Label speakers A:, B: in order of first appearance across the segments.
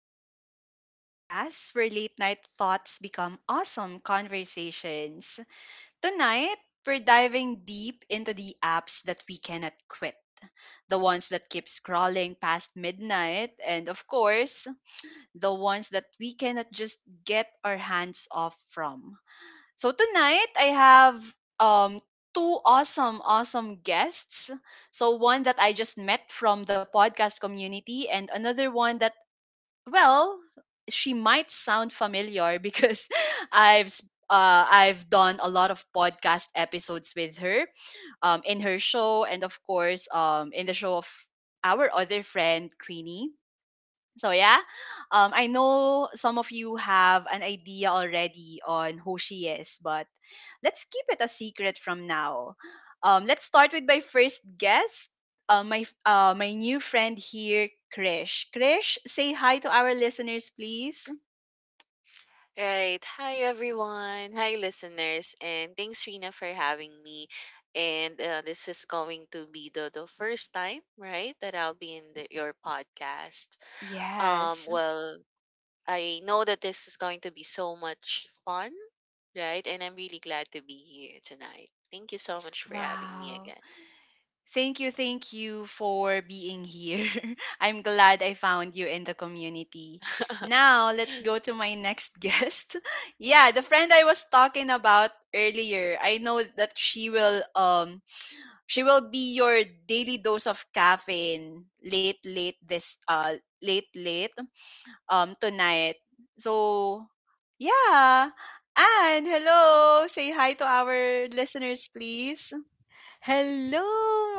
A: Sleepless Beauty Podcast, where late night thoughts become awesome conversations. Tonight, we're diving deep into the apps that we cannot quit, the ones that keep scrolling past midnight, and of course, the ones that we cannot just get our hands off from. So, tonight, I have two awesome, awesome guests. So one that I just met from the podcast community and another one, well, she might sound familiar because I've s- I've done a lot of podcast episodes with her, in her show, and of course, in the show of our other friend Queenie. So yeah, I know some of you have an idea already on who she is, but let's keep it a secret from now. Let's start with my first guest, my new friend here, Krish. Krish, say hi to our listeners, please.
B: Right. Hi, everyone. Hi, listeners. And thanks, Rina, for having me. And this is going to be the first time, right, that I'll be in your podcast.
A: Yes.
B: Well, I know that this is going to be so much fun, right? And I'm really glad to be here tonight. Thank you so much for having me
A: Wow.
B: again.
A: Thank you for being here. I'm glad I found you in the community. Now, let's go to my next guest. Yeah, the friend I was talking about earlier. I know that she will, she will be your daily dose of caffeine late late this late late tonight. So, yeah. And hello, say hi to our listeners please.
C: Hello,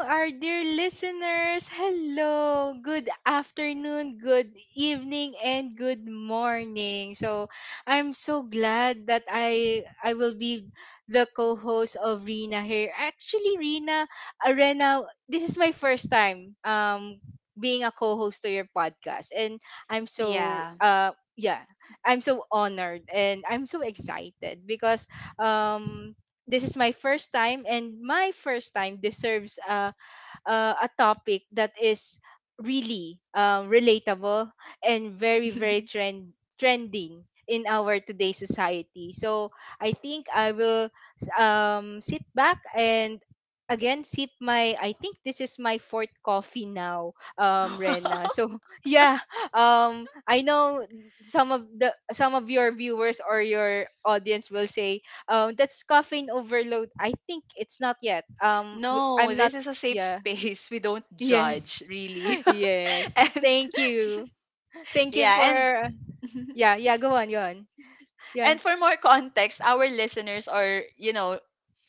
C: our dear listeners. Hello. Good afternoon, good evening, and good morning. So, I'm so glad that I will be the co-host of Rina here. Actually, Rina, Arena, this is my first time being a co-host to your podcast, and I'm so
A: Yeah.
C: yeah, I'm so honored and I'm so excited because um this is my first time, and my first time deserves a a topic that is really relatable and very very trending in our today's society. So I think I will sit back and again sip my I think this is my fourth coffee now Rena, so yeah. I know some of your viewers or your audience will say that's caffeine overload. I think it's not yet,
A: No,
C: I'm not.
A: this is a safe
C: Yeah.
A: space. We don't
C: Yes.
A: judge, really.
C: Yes.
A: And
C: Thank you. Thank you
A: yeah, and
C: for yeah, yeah, go on, go on. Yeah.
A: and for more context, our listeners are, you know,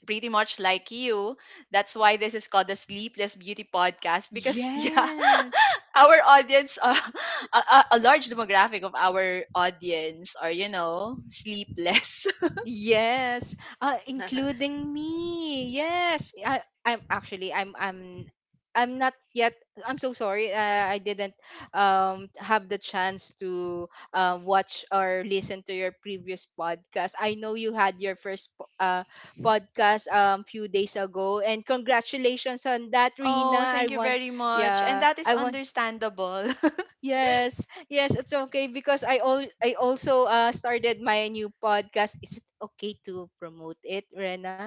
A: pretty much like you. That's why this is called the Sleepless Beauty Podcast because yeah,
C: Yes.
A: our audience, a large demographic of our audience are, you know, sleepless.
C: Yes, including me. Yes, I'm actually, I'm not yet. I'm so sorry. I didn't have the chance to watch or listen to your previous podcast. I know you had your first podcast few days ago, and congratulations on that,
A: Oh,
C: Rina. I
A: thank you
C: want
A: very much. And
C: yeah.
A: that is
C: I want
A: understandable.
C: Yes, yes, it's okay because I also started my new podcast. Is it okay to promote it, Rena?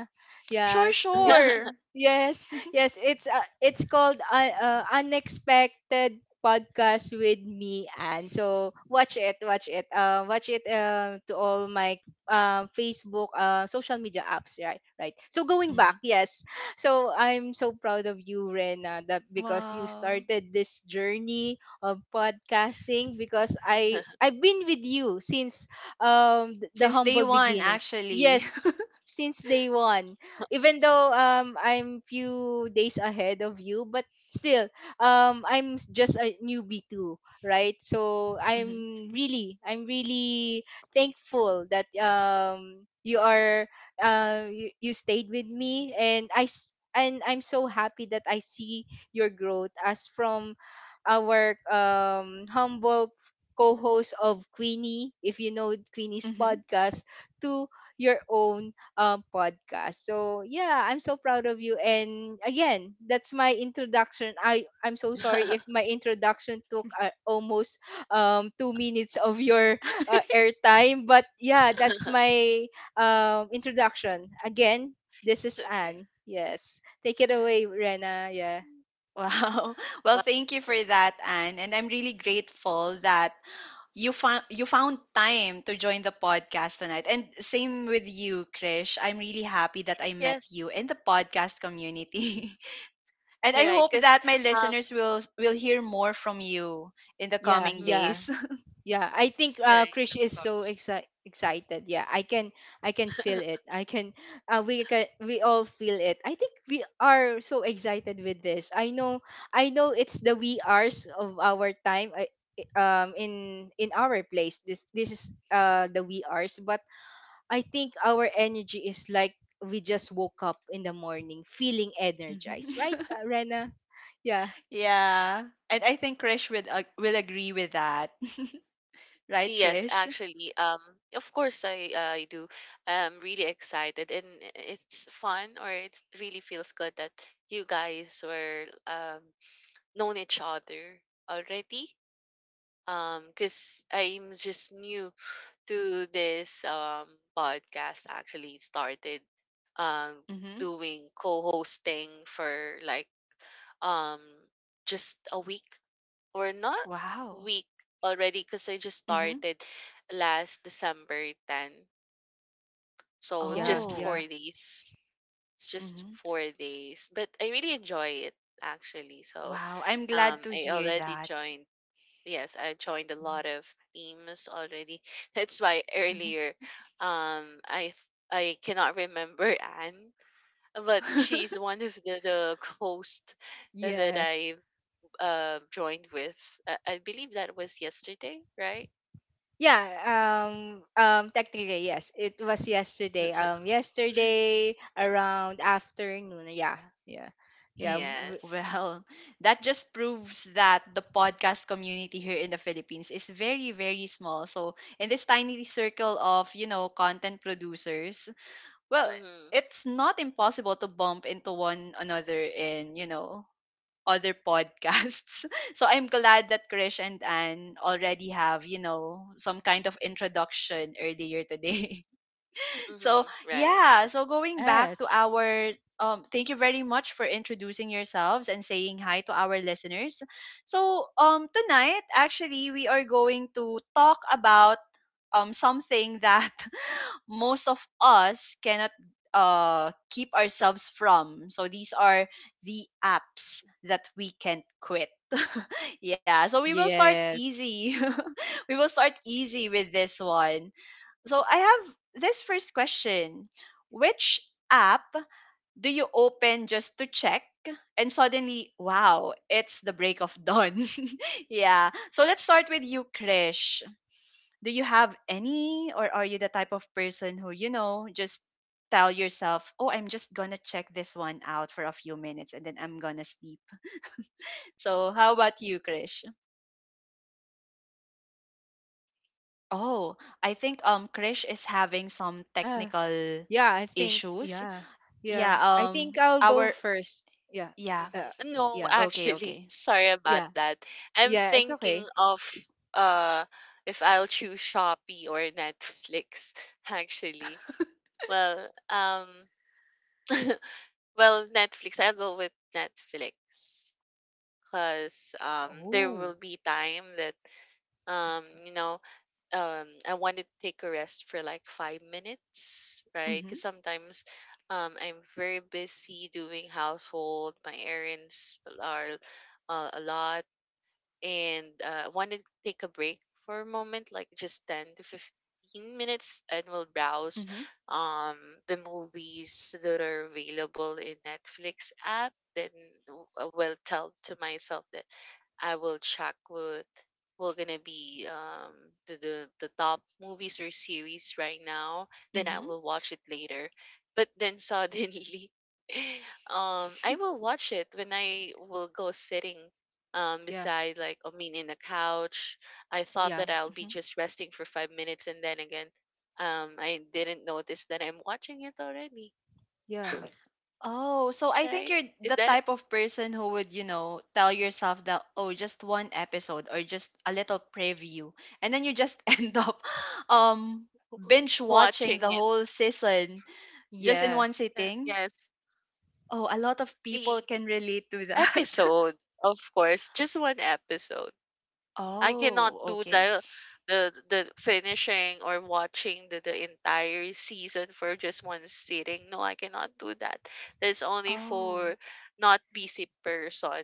A: Sure,
C: Yeah, it
A: sure.
C: Yes, yes, it's called Unexpected Podcast with me, and so watch it, watch it. Watch it to all my Facebook social media apps, right? Right. So going back,
A: Mhm.
C: yes. So I'm so proud of you, Rena, that because you
A: Wow.
C: started this journey of podcasting because I've been with you since the
A: Since day
C: humble
A: one,
C: beginnings.
A: actually.
C: Yes, since day one. Even though I'm few days ahead of you, but still I'm just a newbie too, right? So
A: Mhm,
C: I'm really thankful that you you stayed with me, and I'm so happy that I see your growth as from our humble co-host of Queenie — if you know Queenie's
A: mhm.
C: podcast — to your own podcast. So yeah, I'm so proud of you. And again, that's my introduction. I'm so sorry if my introduction took almost 2 minutes of your airtime, but yeah, that's my introduction. Again, this
B: It's
C: is
B: okay.
C: Anne. Yes, take it
B: Right.
C: away, Rena. Yeah,
A: Wow. Well,
B: Well,
A: thank you for that, Anne. And I'm really grateful that you found time to join the podcast tonight. And same with you, Krish. I'm really happy that I met
B: yes,
A: you in the podcast community. And
B: you're
A: I
B: right.
A: hope
B: Because
A: that my
B: um,
A: listeners will hear more from you in the
C: yeah,
A: coming
C: yeah.
B: mhm.
A: days.
C: Yeah, I think
B: Right,
C: Krish
B: of
C: is so
B: course.
C: excited. Yeah, I can feel it. I can we can We all feel it. I think we are so excited with this. I know it's the we are's of our time. In our place, this is the we are's, but I think our energy is like we just woke up in the morning feeling
A: Mhm.
C: energized, right, Rena? Yeah,
A: Yeah. And I think Krish would will agree with that. Right,
B: Yes,
A: Krish?
B: actually, of course I do. I'm really excited and it's fun, or it really feels good that you guys were known each other already. Because I'm just new to this podcast, actually started um
A: Mm-hmm.
B: doing co-hosting for like um just a week or not
A: Wow.
B: week already, because I just
A: Mhm.
B: started last December 10. So
C: yeah,
B: just
A: Oh.
B: four
C: yeah,
B: days. It's just
A: Mhm.
B: 4 days. But I really enjoy it actually. So
A: Wow, I'm glad to
B: I
A: hear
B: already
A: that.
B: joined, yes, I joined a
A: Mhm.
B: lot of teams already. That's why
A: Mhm.
B: earlier I cannot remember Anne, but she's one of the host that
C: yes.
B: I joined with. I believe that was yesterday, right?
C: Yeah, technically, yes. It was yesterday. Yesterday around afternoon. Yeah, yeah, yeah.
B: Yes.
A: Well, that just proves that the podcast community here in the Philippines is very, very small. So, in this tiny circle of, you know, content producers, well,
B: Mm-hmm.
A: it's not impossible to bump into one another and, you know, other podcasts. So I'm glad that Krish and Anne already have, you know, some kind of introduction earlier today.
B: Mm-hmm.
A: So
B: Right.
A: yeah, so going back to
C: Yes,
A: our thank you very much for introducing yourselves and saying hi to our listeners. So tonight actually we are going to talk about something that most of us cannot keep ourselves from. So these are the apps that we can quit. Yeah, so we will start
C: yes,
A: easy. We will start easy with this one. So I have this first question. Which app do you open just to check? And suddenly, wow, it's the break of dawn. Yeah. So let's start with you, Krish. Do you have any or are you the type of person who, you know, just tell yourself, oh, I'm just gonna check this one out for a few minutes and then I'm gonna sleep? So how about you, Krish? Oh, I think Krish is having some
C: yeah,
A: technical
C: yeah. I think,
A: issues.
C: yeah, yeah.
A: Yeah.
C: I
A: um
C: think I'll go
A: our
C: first. Yeah,
A: yeah
C: uh,
B: Mm-hmm. No,
C: yeah,
A: okay,
B: actually,
A: okay.
B: sorry about
C: yeah,
B: that. I'm
C: yeah. It's
B: thinking
C: okay.
B: of uh if I'll choose Shopee or Netflix, actually. Well, um well, Netflix, I'll go with Netflix. Because there
C: Oh,
B: will be time that um you know I wanted to take a rest for like 5 minutes, right?
A: Hmm.
B: Because sometimes I'm very busy doing household, my errands are a lot, and I wanted to take a break for a moment, like just 10 to 15 minutes, and we'll browse
A: Hmm.
B: um the movies that are available in Netflix app. Then I will tell to myself that I will check what will gonna be the top movies or series right now. Then I
A: Hmm.
B: will watch it later. But then suddenly, I will watch it when I will go sitting
C: yeah,
B: beside, like I mean in a couch. I thought
C: yeah,
B: that I'll be just resting for 5 minutes, and then again, I didn't notice that I'm watching it already.
C: yeah,
A: Oh, so I think
B: Right?
A: you're the
B: That
A: type of person who would, you know, tell yourself that, oh, just one episode or just a little preview. And then you just end up um binge watching
B: watching
A: the
B: it.
A: whole season just in
C: yeah,
A: one
B: uh,
A: sitting.
B: Yes.
A: Oh, a lot of people
B: E
A: can relate to that.
B: Episode, of course, just 1 episode. I cannot
A: Oh,
B: do
A: okay.
B: the the finishing or watching the entire season for just 1 sitting. No, I cannot do that. That's only
A: Oh.
B: for not busy person.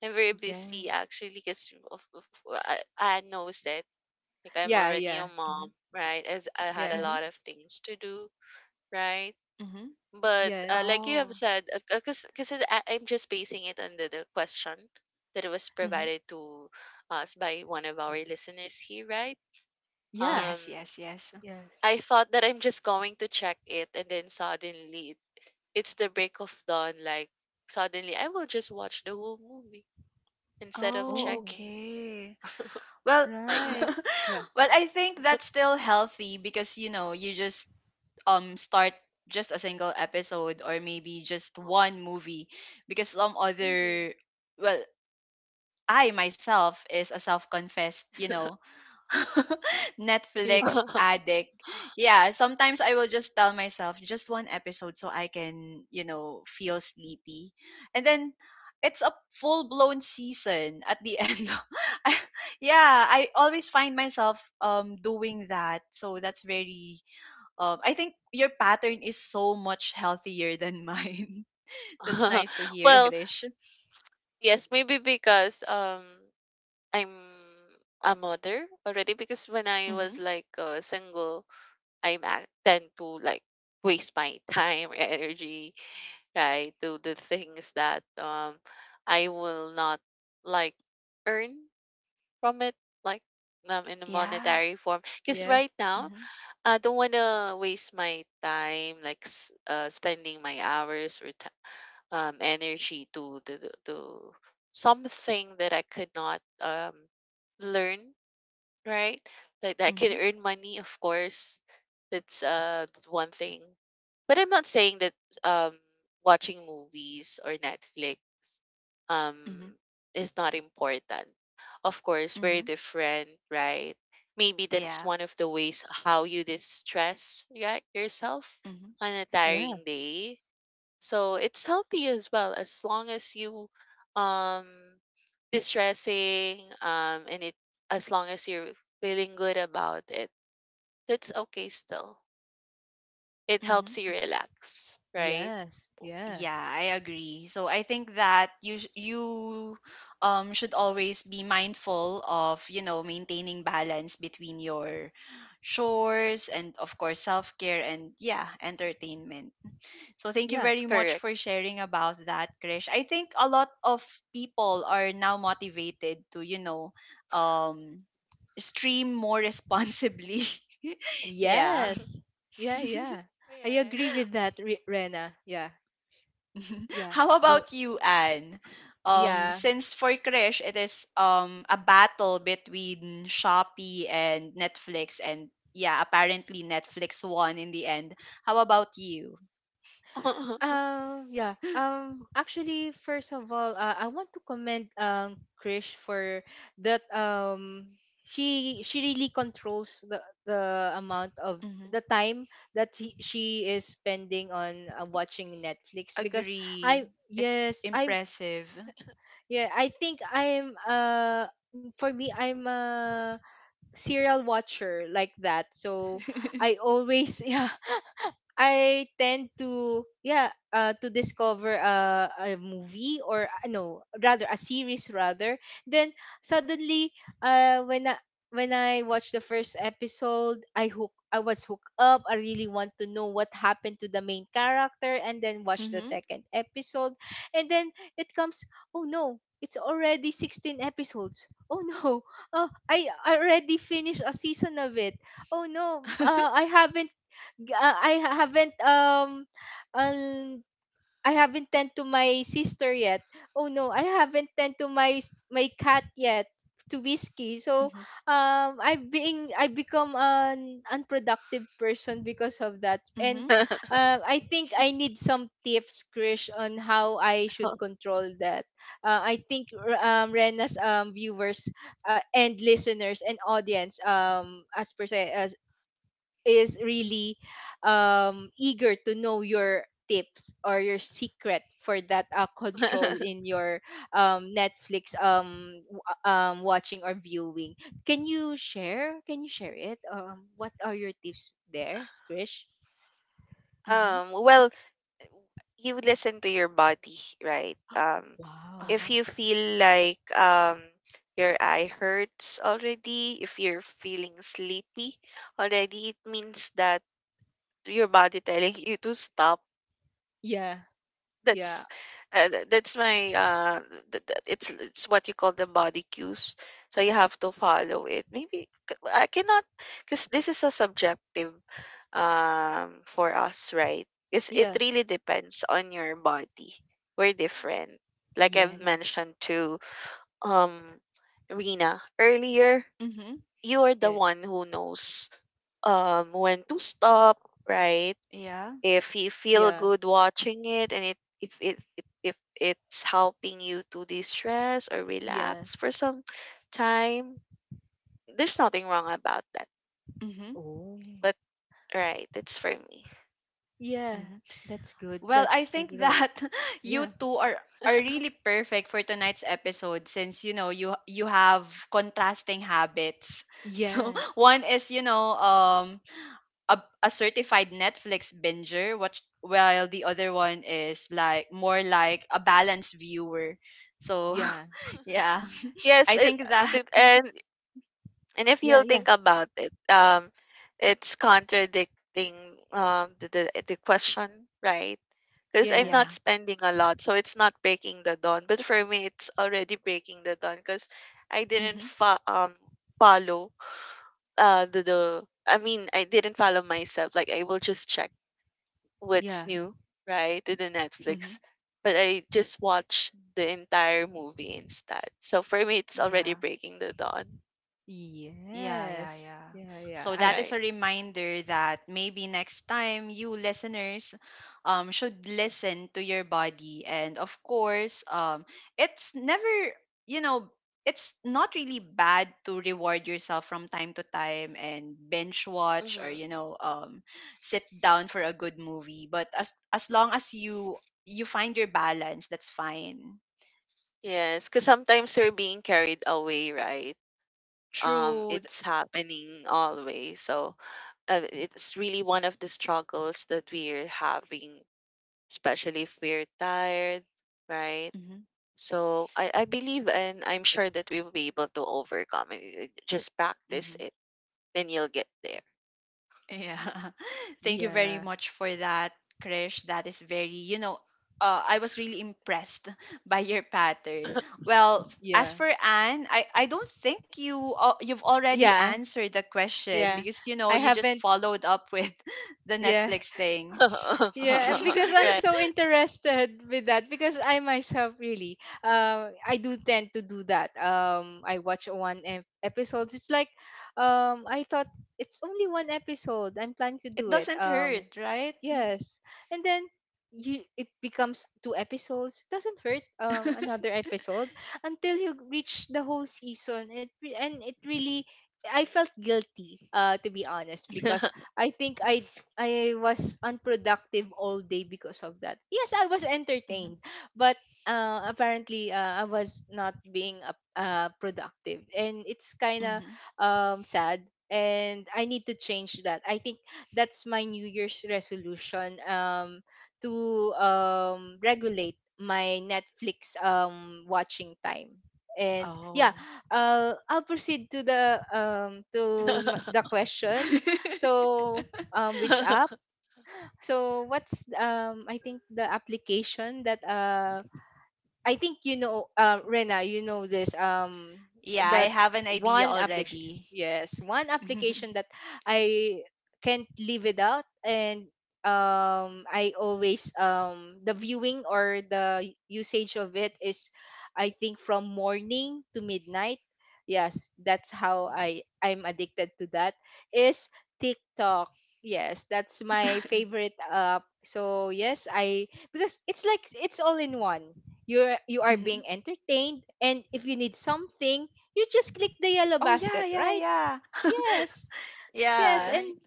B: I'm very
C: yeah,
B: busy actually because I knows that, like, I'm
C: yeah,
B: already a
C: yeah,
A: Mhm.
B: mom, right? As I had a
C: yeah,
A: Mhm.
B: lot of things to do, right?
A: Mhm.
B: But,
C: yeah,
B: like you have
A: Oh.
B: said, because I'm just basing it on the question that was
A: Mhm.
B: provided to us by one of our listeners here, right?
C: yeah.
B: Um,
A: Yes, yes, yes.
C: Yes.
B: I thought that I'm just going to check it, and then suddenly it's the break of dawn. Like suddenly, I will just watch the whole movie instead of
A: Oh,
C: Oh,
B: checking
A: okay. Well,
B: like
C: right.
B: that.
C: Yeah,
A: but I think that's still healthy because you know you just start just a single episode or maybe just one movie, because some other, well, I myself is a self-confessed, you know,
C: yeah, yeah,
A: Netflix
B: Mm-hmm.
A: addict. Yeah, sometimes I will just tell myself just one episode so I can, you know, feel sleepy. And then it's a full blown season at the end. I, yeah, I always find myself doing that. So that's very, I think your pattern is so much healthier than mine. That's nice to hear,
B: Well,
A: Krish.
B: yes, maybe because I'm a mother already. Because when I
A: Mhm.
B: was like single, I tend to like waste my time, energy, right, to the things that I will not like earn from it, like in a
A: Yeah.
B: monetary form. Because
C: yeah,
B: right now
A: Mhm.
B: I don't wanna waste my time, like spending my hours or energy to something that I could not learn, right? Like, that can
A: Mhm.
B: earn money, of course. That's one thing. But I'm not saying that um, watching movies or Netflix um,
A: Mhm.
B: is not important. Of course,
A: Mhm.
B: we're different, right? Maybe that's
A: Yeah.
B: one of the ways how you distress, yeah, yourself
A: Mm-hmm.
B: on a
C: yeah,
B: tiring day, so it's healthy as well, as long as you um distressing and it as long as you're feeling good about it, that's okay still. It
A: Mm-hmm.
B: helps
C: yeah,
B: you relax, right?
C: yes, yeah,
A: Yeah, I agree. So I think that you should always be mindful of, you know, maintaining balance between your chores and of course self-care and, yeah, entertainment. So thank you
C: yeah,
A: very much
B: Correct.
A: for sharing about that, Krish. I think a lot of people are now motivated to, you know, um stream more responsibly. Yeah.
C: yes, yeah, yeah. I agree with that, Rena. Yeah, yeah,
A: How
C: go,
A: about you, Anne?
C: yeah.
A: Since for Krish, it is a battle between Shopee and Netflix, and yeah, apparently Netflix won in the end. How about you?
B: Correct.
C: Yeah. Actually, first of all, I want to commend Krish for that. She really controls the amount of
A: Hmm.
C: the time that she is spending on watching Netflix because I
A: Agree. It's
C: yes, I
A: impressive.
C: Yeah, I think, I'm for me, I'm a serial watcher like that. So I always yeah, I tend to yeah, to discover a movie or, no, rather a series, rather then suddenly uh when I when I watched the first episode. I was hooked up. I really want to know what happened to the main character, and then watch the
A: Mm-hmm.
C: second episode, and then it comes, oh no, it's already 16 episodes. Oh no. Oh, I already finished a season of it. Oh no, G- uh, I ha- haven't um um I haven't tend to my sister yet. Oh no, I haven't tend to my cat yet, to Whiskey. So
A: Mm-hmm.
C: I become an unproductive person because of that. And,
A: Mm-hmm.
C: I think I need some tips, Krish, on how I should control that. I think, Rena's viewers, and listeners and audience, as per se, is really eager to know your tips or your secret for that, control in your, Netflix, watching or viewing. Can you share? Can you share it? What are your tips there, Krish?
A: Mm-hmm.
B: Well, you listen to your body, right?
C: Wow.
B: If
A: Uh-huh.
B: you feel like your eye hurts already, if you're feeling sleepy already, it means that your body telling you to stop.
C: Yeah. Yeah.
B: That's uh, th- that's my it's what you call, the body cues, so you have to follow it. Maybe I cannot, because this is a subjective for us, right? Because it
C: Yes.
B: really depends on your body. We're different. Like
C: Yeah.
B: I've mentioned to um rena earlier,
A: Mm-hmm.
B: you are the
C: Yeah.
B: one who knows when to stop, right?
A: Yeah.
B: If you feel
C: Yeah.
B: good watching it, and it if it's helping you to de-stress or relax
C: Yes.
B: for some time, there's nothing wrong about that.
A: Mm-hmm.
C: Oh.
B: But, right, it's for me.
C: Yeah. That's good.
A: Well,
C: That's
A: I
C: good.
A: think
C: Right.
A: that you
C: Yeah.
A: two are really perfect for tonight's episode since you know you have contrasting habits. So
C: Yes.
A: one is, you know, a certified Netflix binger, which while the other one is like more like a balanced viewer. So
C: Yeah.
A: yeah,
B: Yes,
A: I think
B: it
A: that
B: it- and and if
C: Yeah.
B: you'll
C: Yeah.
B: think about it, it's contradicting the question, right? Because I'm not
C: Yes.
A: yeah.
B: spending a lot, so it's not breaking the dawn. But for me, it's already breaking the dawn, because I didn't
A: Mhm.
B: follow the I mean, I didn't follow myself. Like I will just check what's
C: Yeah.
B: new, right, in the Netflix,
A: Mhm.
B: but I just watch the entire movie instead. So for me, it's already
A: Yeah.
B: breaking the dawn,
A: Yeah, yeah,
C: Yes.
A: yeah.
C: Yeah, yeah.
A: So that
C: I
A: is
B: right?
A: a reminder that maybe next time you listeners should listen to your body. And of course, it's never, you know, it's not really bad to reward yourself from time to time and binge watch or,
B: Mm-hmm.
A: you know, sit down for a good movie. But as long as you find your balance, that's fine.
B: Yes, because sometimes we're being carried away, right?
A: True.
B: It's happening always. So it's really one of the struggles that we're having, especially if we're tired, right?
A: Mm-hmm.
B: So I believe and I'm sure that we will be able to overcome it. Just practice it,
A: Mm-hmm.
B: then you'll get there.
A: Yeah. Thank you very
C: Yeah.
A: much for that, Krish. That is very, you know, I was really impressed by your pattern. Well, as
C: Yeah.
A: for Anne, I don't think you, you've already
C: Yeah.
A: answered the question
C: Yeah.
A: because you know
C: I
A: you just
C: haven't
A: followed up with the
C: Yeah.
A: Netflix thing.
C: Yeah, because I'm
B: Right.
C: so interested with that. Because I myself really I do tend to do that. I watch one episode. It's like, I thought it's only one episode. I'm planning to
A: It
C: do it.
A: doesn't hurt, right?
C: Yes. And then you it becomes two episodes. Doesn't hurt, another episode, until you reach the whole season. It re- and it really I felt guilty, to be honest,
A: Mhm,
C: because I think I was unproductive all day because of that. Yes, I was
A: mhm,
C: entertained, but, apparently, I was not being, productive, and it's kind of
A: mhm.
C: sad. And I need to change that. I think that's my New Year's resolution, to regulate my Netflix watching time. And yeah,
A: Oh.
C: I'll proceed to the the question. So which app so what's I think the application that, I think, you know, Rena, you know this.
A: Yeah, I
C: That
A: have an idea
C: one application,
A: already.
C: yes, one application that I can't live without. And, I always, the viewing or the usage of it is, I think, from morning to midnight. Yes, that's how I'm addicted to that. Is TikTok. Yes, that's my favorite app. So yes, I because it's like it's all in one. You are being
A: Mhm.
C: entertained, and if you need something, you just click the yellow
A: Oh
C: basket,
A: yeah, yeah,
C: right?
A: yeah.
C: Yes, yes.
A: Yeah.
C: And
B: Right.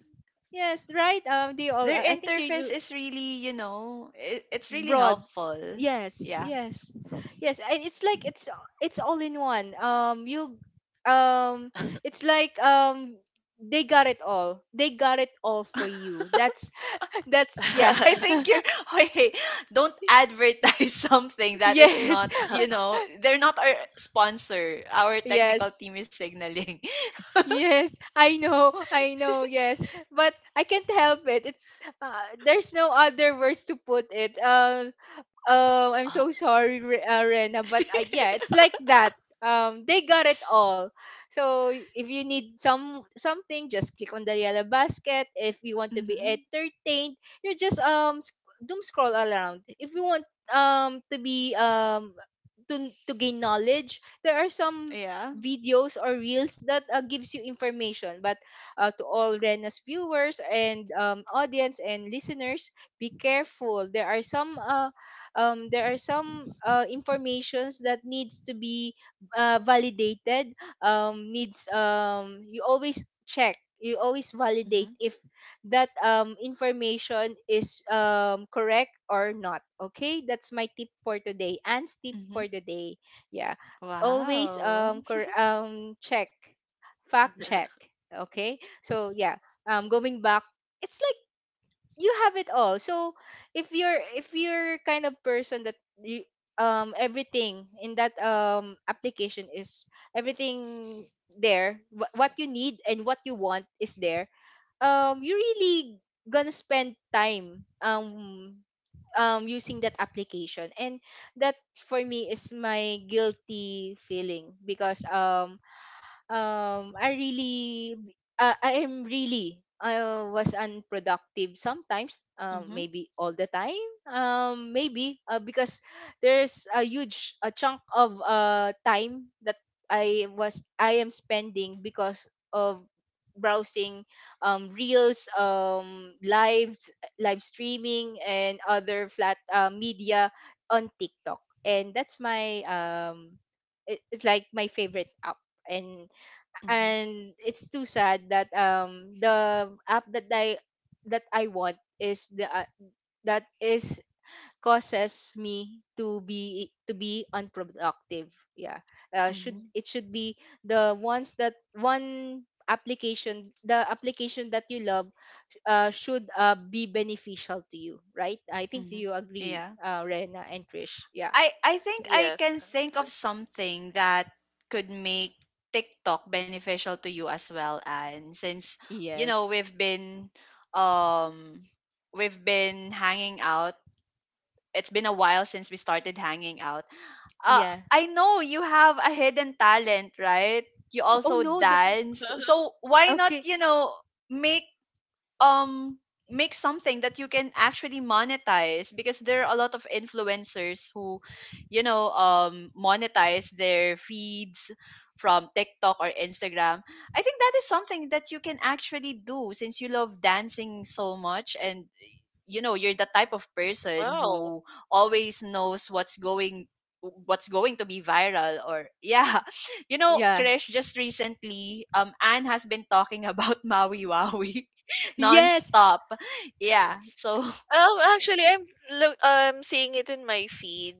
C: yes, right. Do you all,
A: Their
C: I think,
A: interface
C: you
A: is really, you know, it's really
C: broad,
A: helpful.
C: yes,
A: Yeah.
C: yes, yes. It's like, it's all in one. You, um it's like, they got it all, they got it all for you. That's That's, yeah.
A: I think you're, okay, don't advertise something that is
C: Yes,
A: not, you know, they're not our sponsor. Our technical
C: yes.
A: team is signaling.
C: Yes, I know, yes. But I can't help it. It's there's no other words to put it. I'm so sorry, Rena, but yeah, it's like that. They got it all. So if you need, something, just click on the yellow basket. If you want to be
A: Mm-hmm.
C: entertained, you just doom scroll around. If you want to be to gain knowledge, there are some
A: Yeah.
C: videos or reels that, gives you information. But, to all Rena's viewers and, audience and listeners, be careful. There are some, informations that needs to be, validated, needs, you always check, you always validate
A: Mm-hmm.
C: if that, information is, correct or not. Okay, that's my tip for today and tip
A: Mm-hmm.
C: for the day. Yeah, always
A: Wow.
C: check, fact check. Okay, so yeah, going back, it's like you have it all. So if you're kind of person that you everything in that application is everything there, what you need and what you want is there. You're really gonna spend time, using that application, and that, for me, is my guilty feeling because I really, I am really, I was unproductive sometimes,
A: Mm-hmm.
C: maybe all the time, maybe, because there's a huge, a chunk of time that I am spending because of browsing, reels, live streaming, and other flat, media on TikTok. And that's my, it's like my favorite app, and
A: Mm-hmm.
C: and it's too sad that, the app that I want is the, that is causes me to be unproductive. Yeah, should
A: Mm-hmm.
C: it should be the ones that, one application the application that you love, should, be beneficial to you, right? I think. Do
A: Mm-hmm.
C: you agree,
A: Yeah.
C: Rena and Trish? Yeah,
A: I think I
B: Yes.
A: can think of something that could make TikTok beneficial to you as well, and since you know
C: yes,
A: um we've been hanging out. It's been a while since we started hanging out.
C: yeah.
A: I know you have a hidden talent, right? You
C: Oh
A: also
C: no,
A: dance. So why not,
C: okay.
A: you know, make um make something that you can actually monetize, because there are a lot of influencers who, you know, monetize their feeds from TikTok or Instagram. I think that is something that you can actually do since you love dancing so much and you know you're the type of person
B: Wow.
A: who always knows what's going to be viral. Or yeah, you know
C: Yeah,
A: Krish, just recently Anne has been talking about Maui Waui
C: yes.
A: nonstop. Yeah,
B: Yes.
A: so
B: Actually, I'm look. I'm seeing it in my feed.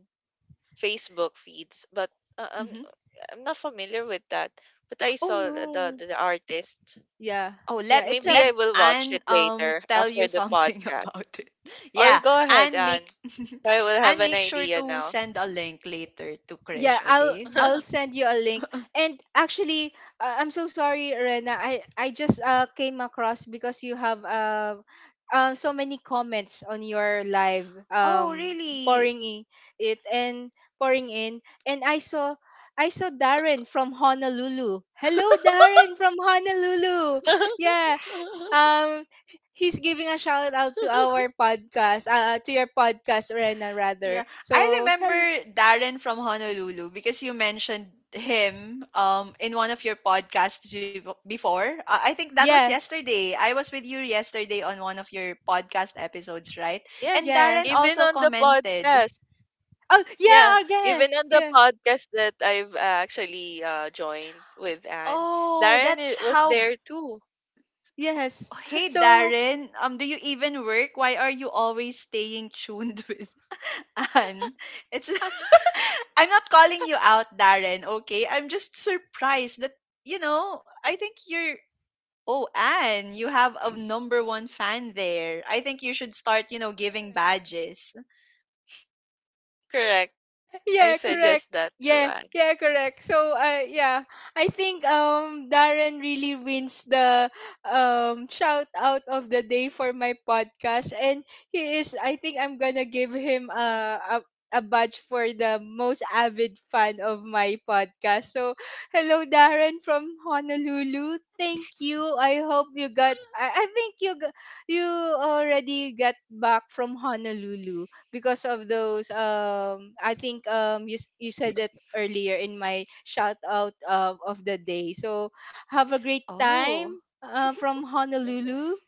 B: Facebook feeds, but uh, I'm
A: mhm.
B: I'm not familiar with that. But I
C: Oh
B: saw the, the
C: no.
B: the artist.
C: Yeah.
A: Oh, let,
C: Yeah, it's
B: Maybe
C: a
A: let
B: I will watch
A: Anne
B: it later
A: tell
B: after
A: you
B: the
A: something
B: podcast.
A: about it.
B: Or
A: Yeah.
B: go ahead,
A: And
B: Anne.
A: make
B: So I will have
A: and
B: an
A: make sure
B: idea
A: to
B: now.
A: send a link later to
C: Yeah,
A: Krish,
C: I'll
A: okay?
C: I'll send you a link. And actually, I'm so sorry, Rena. I just came across because you have so many comments on your live,
A: Oh really?
C: pouring in it and pouring in, and I saw Darren from Honolulu. Hello, Darren from Honolulu. Yeah. Um he's giving a shout out to our podcast, to your podcast, Rena, rather.
A: Yeah, I
C: So,
A: remember
C: hello.
A: Darren from Honolulu because you mentioned him in one of your podcasts before. I think that was
C: Yes,
A: yesterday. I was with you yesterday on one of your podcast episodes, right? And
B: Yes,
A: Darren
C: yes.
B: even
A: also
B: on the
A: commented,
B: podcast.
C: Oh, yeah,
B: Yeah,
C: oh, yeah,
B: even on the
C: yeah,
B: podcast that I've actually joined with Anne,
A: "Oh,
B: Darren
A: that's
B: was
A: how..."
B: there too.
C: yes.
A: Hey
C: So,
A: Darren, do you even work? Why are you always staying tuned with Anne? It's I'm not calling you out, Darren, okay? I'm just surprised that, you know, I think you're, oh Anne, you have a number one fan there. I think you should start, you know, giving
B: Right.
A: badges.
B: Correct.
C: yeah,
B: I
C: yeah, correct,
B: suggest that to
C: yeah, yeah, correct, so yeah. I think Darren really wins the shout out of the day for my podcast, and he is, I think I'm gonna give him a badge for the most avid fan of my podcast, so hello Darren from Honolulu, thank you. I think you you already got back from Honolulu because of those, I think, you you said that earlier in my shout out of the day. So have a great
A: Oh.
C: time, from
B: Mhm.
C: Honolulu.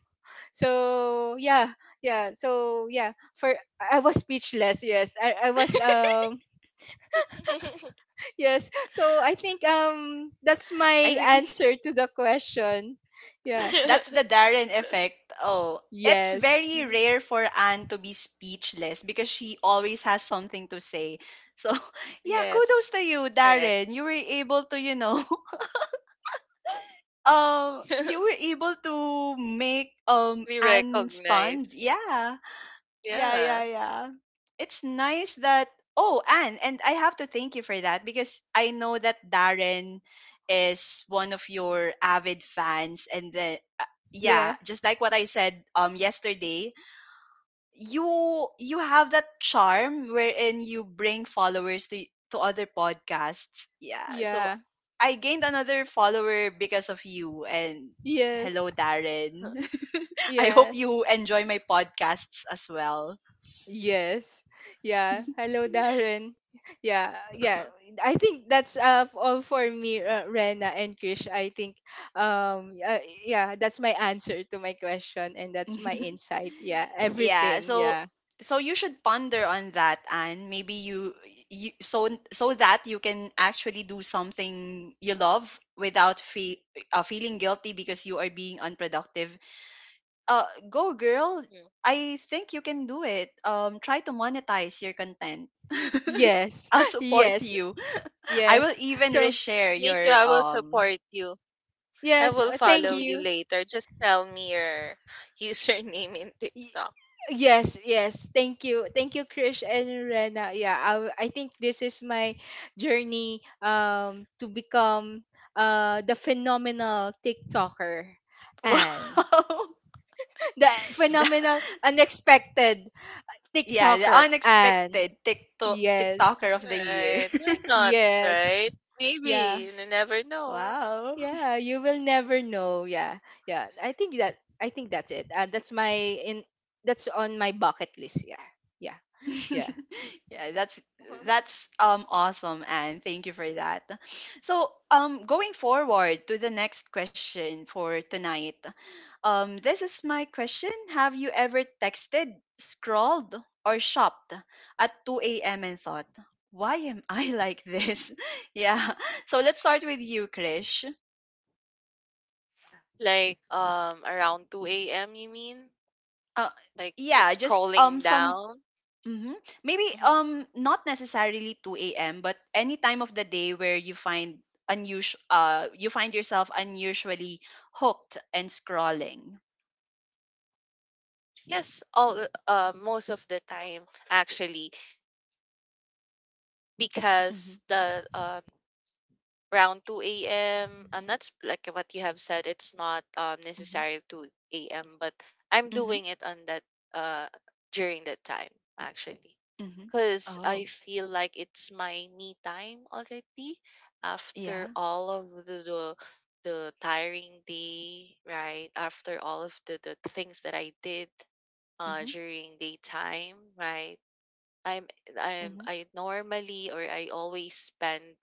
C: So yeah, yeah. So yeah, for I was speechless. Yes, I was yes. So I think that's
A: I
C: my
A: think.
C: answer to the question. Yeah.
A: That's the Darren effect. Oh, it's
C: Yes.
A: very
C: Yeah.
A: rare for Anne to be speechless because she always has something to say. So, yeah,
B: Yes,
A: kudos to you,
B: correct.
A: Darren. You were able to, you know, you were able to make
B: We
A: Anne stunned.
B: recognize.
A: Yeah, yeah,
B: Yeah.
A: yeah, yeah. It's nice that, oh, Anne, and I have to thank you for that because I know that Darren is one of your avid fans and the, yeah,
C: Yeah.
A: just like what I said yesterday, you have that charm wherein you bring followers to other podcasts. Yeah. So
C: Yeah.
A: I gained another follower because of you and hello
C: Yes.
A: Darren. I hope
C: Yes.
A: you enjoy my podcasts as well.
C: Yes. Yeah. Hello, Darren. Yeah. Yeah. I think that's all for me, Rena and Krish. I think, um, uh, yeah, that's my answer to my question, and that's my insight. Yeah.
A: yeah
C: Everything.
A: so
C: Yeah.
A: so you should ponder on that and maybe you, you so so that you can actually do something you love without feeling guilty because you are being unproductive. Uh, go girl.
B: Mhm.
A: I think you can do it. Try to monetize your content.
C: Yes.
A: I'll support
C: Yes.
A: you. I will
C: Yes.
A: even
C: So,
A: reshare
B: Me too.
A: your
B: I will support you. I
C: yes.
B: will
C: Thank
B: follow you
C: you.
B: later. Just tell me your username in
C: Y-
B: TikTok.
C: Yes, yes. Thank you. Thank you, Krish and Rena. Yeah, I think this is my journey to become the phenomenal TikToker
A: wow.
C: and the phenomenal unexpected
A: Yeah, the
C: TikToker and
A: unexpected TikTok
C: yes.
A: TikToker of the year.
B: Right. Why not,
C: Yes.
B: right?
C: Yeah.
B: Maybe. You never know.
A: Wow.
C: Yeah, you will never know. Yeah. Yeah. I think that's it. That's on my bucket list. Yeah. Yeah. Yeah.
A: Yeah, that's that's um awesome, and thank you for that. So, going forward to the next question for tonight. This is my question. Have you ever texted, scrolled or shopped at 2 a.m. and thought, "Why am I like this?" Yeah. So, let's start with you, Krish.
B: Like around 2 a.m. you mean?
A: Uh,
B: Like
A: yeah, just
B: scrolling
A: some.
B: down?
A: Mhm. Maybe
B: Mhm.
A: not necessarily 2 a.m. but any time of the day where you find unusual, you find yourself unusually hooked and scrolling.
B: Yes, all most of the time actually, because
A: Mhm.
B: the around 2 a.m., I'm not like what you have said. It's not
A: Mhm.
B: necessary 2 a.m. But I'm
A: Mhm.
B: doing it on that uh during that time actually,
A: Mhm.
B: because I
A: Oh,
B: feel like it's my me time already after
A: yeah.
B: all of the tiring day, right? After all of the things that I did
A: Mhm.
B: during daytime, right? I'm I'm
A: Mhm.
B: I normally, or I always spend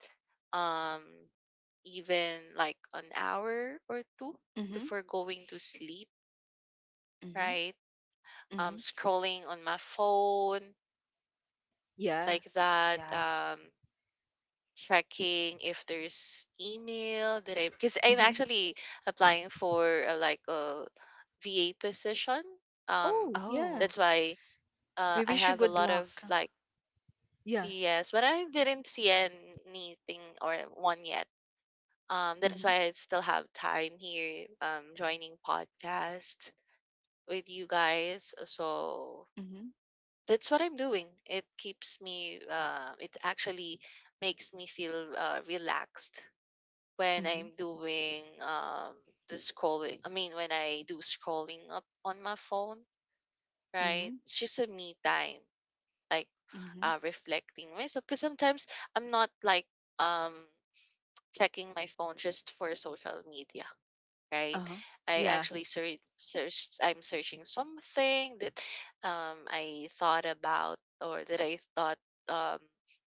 B: um even like an hour or two
A: Mhm.
B: before going to sleep,
A: Mhm.
B: right?
A: Mhm.
B: Scrolling on my phone
C: Yeah.
B: like that,
A: Yeah.
B: checking if there's email, that I because I'm
A: Mhm.
B: actually applying for like a VA position. Um,
C: Oh, yeah.
A: Oh,
B: that's why
A: we
B: I
A: wish you
B: have a
A: good
B: lot of,
A: luck.
B: like,
C: Yeah.
B: yes, but I didn't see anything or one yet. That is
A: Mhm.
B: why I still have time here, joining podcasts with you guys. So
A: Mhm.
B: that's what I'm doing. It keeps me, it actually makes me feel relaxed when
A: Mhm.
B: I'm doing the scrolling. I mean, when I do scrolling up on my phone, right?
A: Mhm.
B: It's just a me time, like
A: Mhm.
B: reflecting myself. Because sometimes I'm not like um, checking my phone just for social media, right?
A: Uh-huh.
B: I
C: Yeah.
B: actually search, search I'm searching something that I thought about, or that I thought um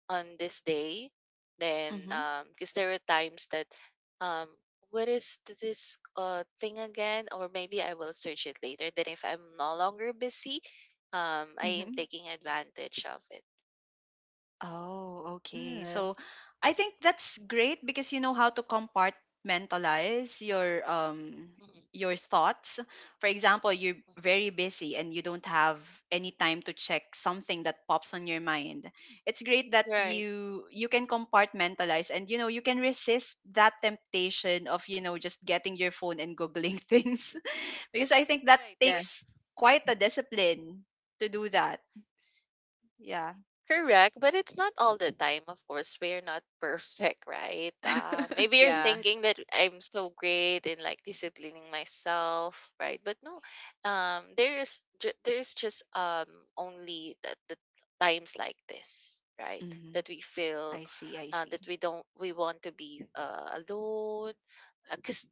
B: on this day. Then
A: Mhm.
B: because there were times that um what is this thing again? Or maybe I will search it later. Then if I'm no longer busy, I am
A: Mhm.
B: taking advantage of it.
A: Oh, okay.
C: Ah.
A: So I think that's great because you know how to compartmentalize
B: Mhm,
A: your thoughts. For example, you're
B: mhm.
A: very busy and you don't have any time to check something that pops on your mind. It's great that
B: Right.
A: you can compartmentalize, and you know you can resist that temptation of, you know, just getting your phone and googling things because I think that
B: Right.
C: Yeah.
B: But,
A: takes quite a discipline to do that. Yeah.
B: correct, but it's not all the time, of course. We're not perfect, right? Maybe you're
C: Yeah.
B: thinking that I'm so great in, like, disciplining myself, right? But no, there's there's just only the times like this, right?
A: Mhm.
B: That we feel
A: I see, I see.
B: that we don't we want to be alone, because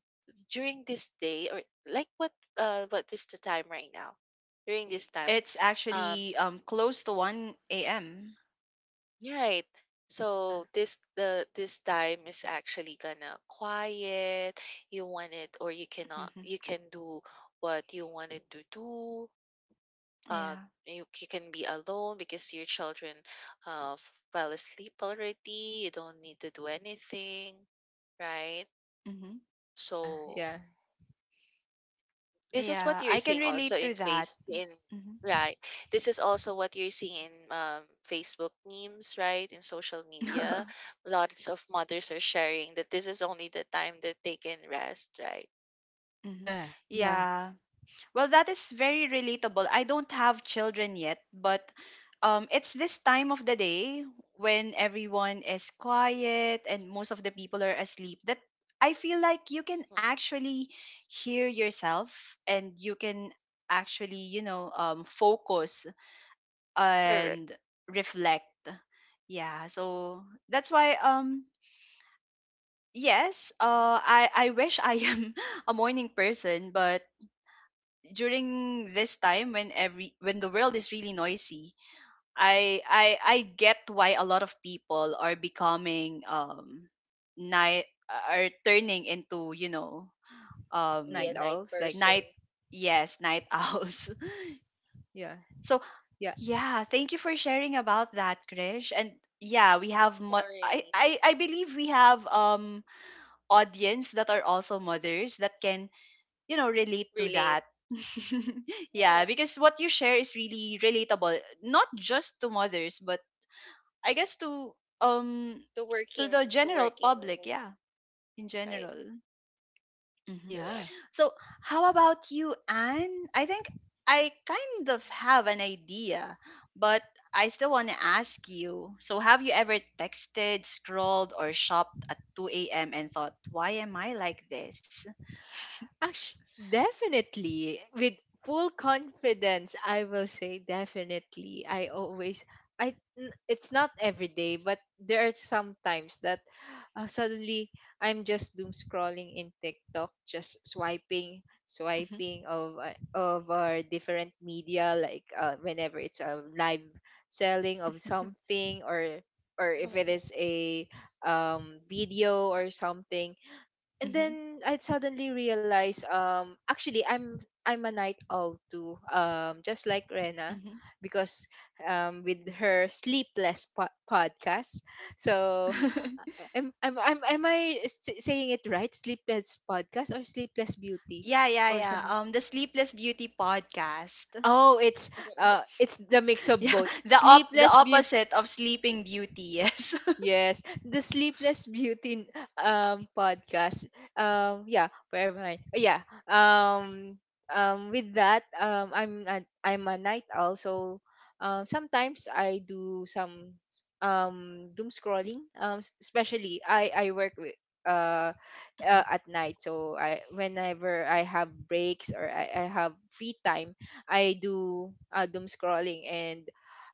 B: during this day, or like, what is the time right now? During this time,
A: It's
B: um
A: actually close to 1 a.m.
B: right.
C: Yeah.
B: So this time is actually gonna quiet. You want it, or you cannot
A: Hmm.
B: you can do what you wanted to do. Uh
A: Yeah.
B: you can be alone because your children fell asleep already. You don't need to do anything, right?
A: Hmm.
C: Yeah.
B: So
C: Yeah.
B: this is
C: Yeah.
A: Yeah,
B: what
A: I
B: you're
A: can
B: seeing also
A: relate to
B: in
A: that.
B: face in,
A: Hmm.
B: right. This is also what you're seeing in Facebook memes, right? In social media, lots of mothers are sharing that this is only the time that they can rest, right?
A: Hmm.
C: Yeah. Yeah.
A: Yeah. Well, that is very relatable. I don't have children yet, but it's this time of the day when everyone is quiet and most of the people are asleep that I feel like you can
B: Hmm.
A: actually hear yourself, and you can actually, you know, focus
B: Correct.
A: and reflect. Yeah, so that's why yes, I wish I am a morning person, but during this time when every when the world is really noisy, I get why a lot of people are becoming night, are turning into, you know,
B: Be
C: Night
B: a
A: um
B: night
C: owls like
B: person.
A: night, yes, night owls.
C: yeah.
A: So
C: Yeah.
A: yeah, thank you for sharing about that, Krish. And yeah, we have
B: Mhm.
A: mo-
B: Or
A: I,
B: really
A: I I believe we have audience that are also mothers that can, you know, relate to
B: relate.
A: that. Yeah,
B: Yes,
A: because what you share is really relatable, not just to mothers, but I guess um
B: the
A: to
B: working,
A: the
B: the
A: general
B: working,
A: public, yeah, in
B: right?
A: general. Mm-hmm.
B: Correct.
C: Yeah.
A: So, how about you, Anne? I think I kind of have an idea, but I still want to ask you. So, have you ever texted, scrolled, or shopped at 2 a.m. and thought, why am I like this?
C: Actually, definitely. With full confidence, I will say definitely. I always, I, n- It's not every day, but there are some times that suddenly I'm just doom scrolling in TikTok, just swiping,
A: Mhm,
C: swiping of our different media, like, whenever it's a live selling of something, or if it is a video or something. And
A: mhm,
C: then I'd suddenly realize, actually I'm a night owl too, just like Rena,
A: mhm.
C: because with her sleepless podcast. So, am I saying it right, sleepless podcast or sleepless beauty
A: Yeah, yeah,
C: or
A: yeah.
C: something?
A: The Sleepless Beauty podcast.
C: Oh it's, it's the mix of
A: Yeah,
C: both,
A: the
C: Sleepless Beauty.
A: opposite of Sleeping Beauty. Yes.
C: Yes, the Sleepless Beauty podcast. Yeah, where am I? Oh, yeah. Um with that, I'm a night owl, so sometimes I do some doom scrolling, especially I work with uh,
A: Mhm.
C: at night. So I, whenever I have breaks or I have free time, I do doom scrolling. And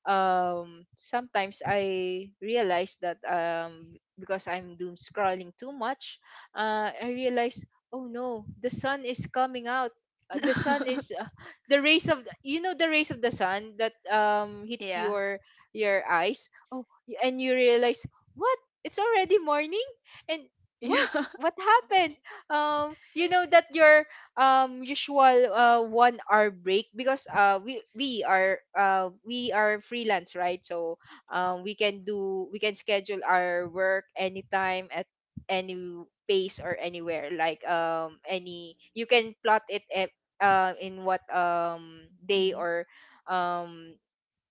C: sometimes I realize that, because I'm doom scrolling too much, I realize, oh no, the sun is coming out. The sun is The rays of you know, the rays of the sun that hits
A: Yeah.
C: your eyes. And you realize, what, it's already morning. And
A: Yeah.
C: what what happened? You
B: Right.
C: know that your usual 1 hour break, because we are, we are freelance, right? So we can schedule our work anytime at any pace or anywhere, like, any you can plot it at, in what day
A: Mhm.
C: or um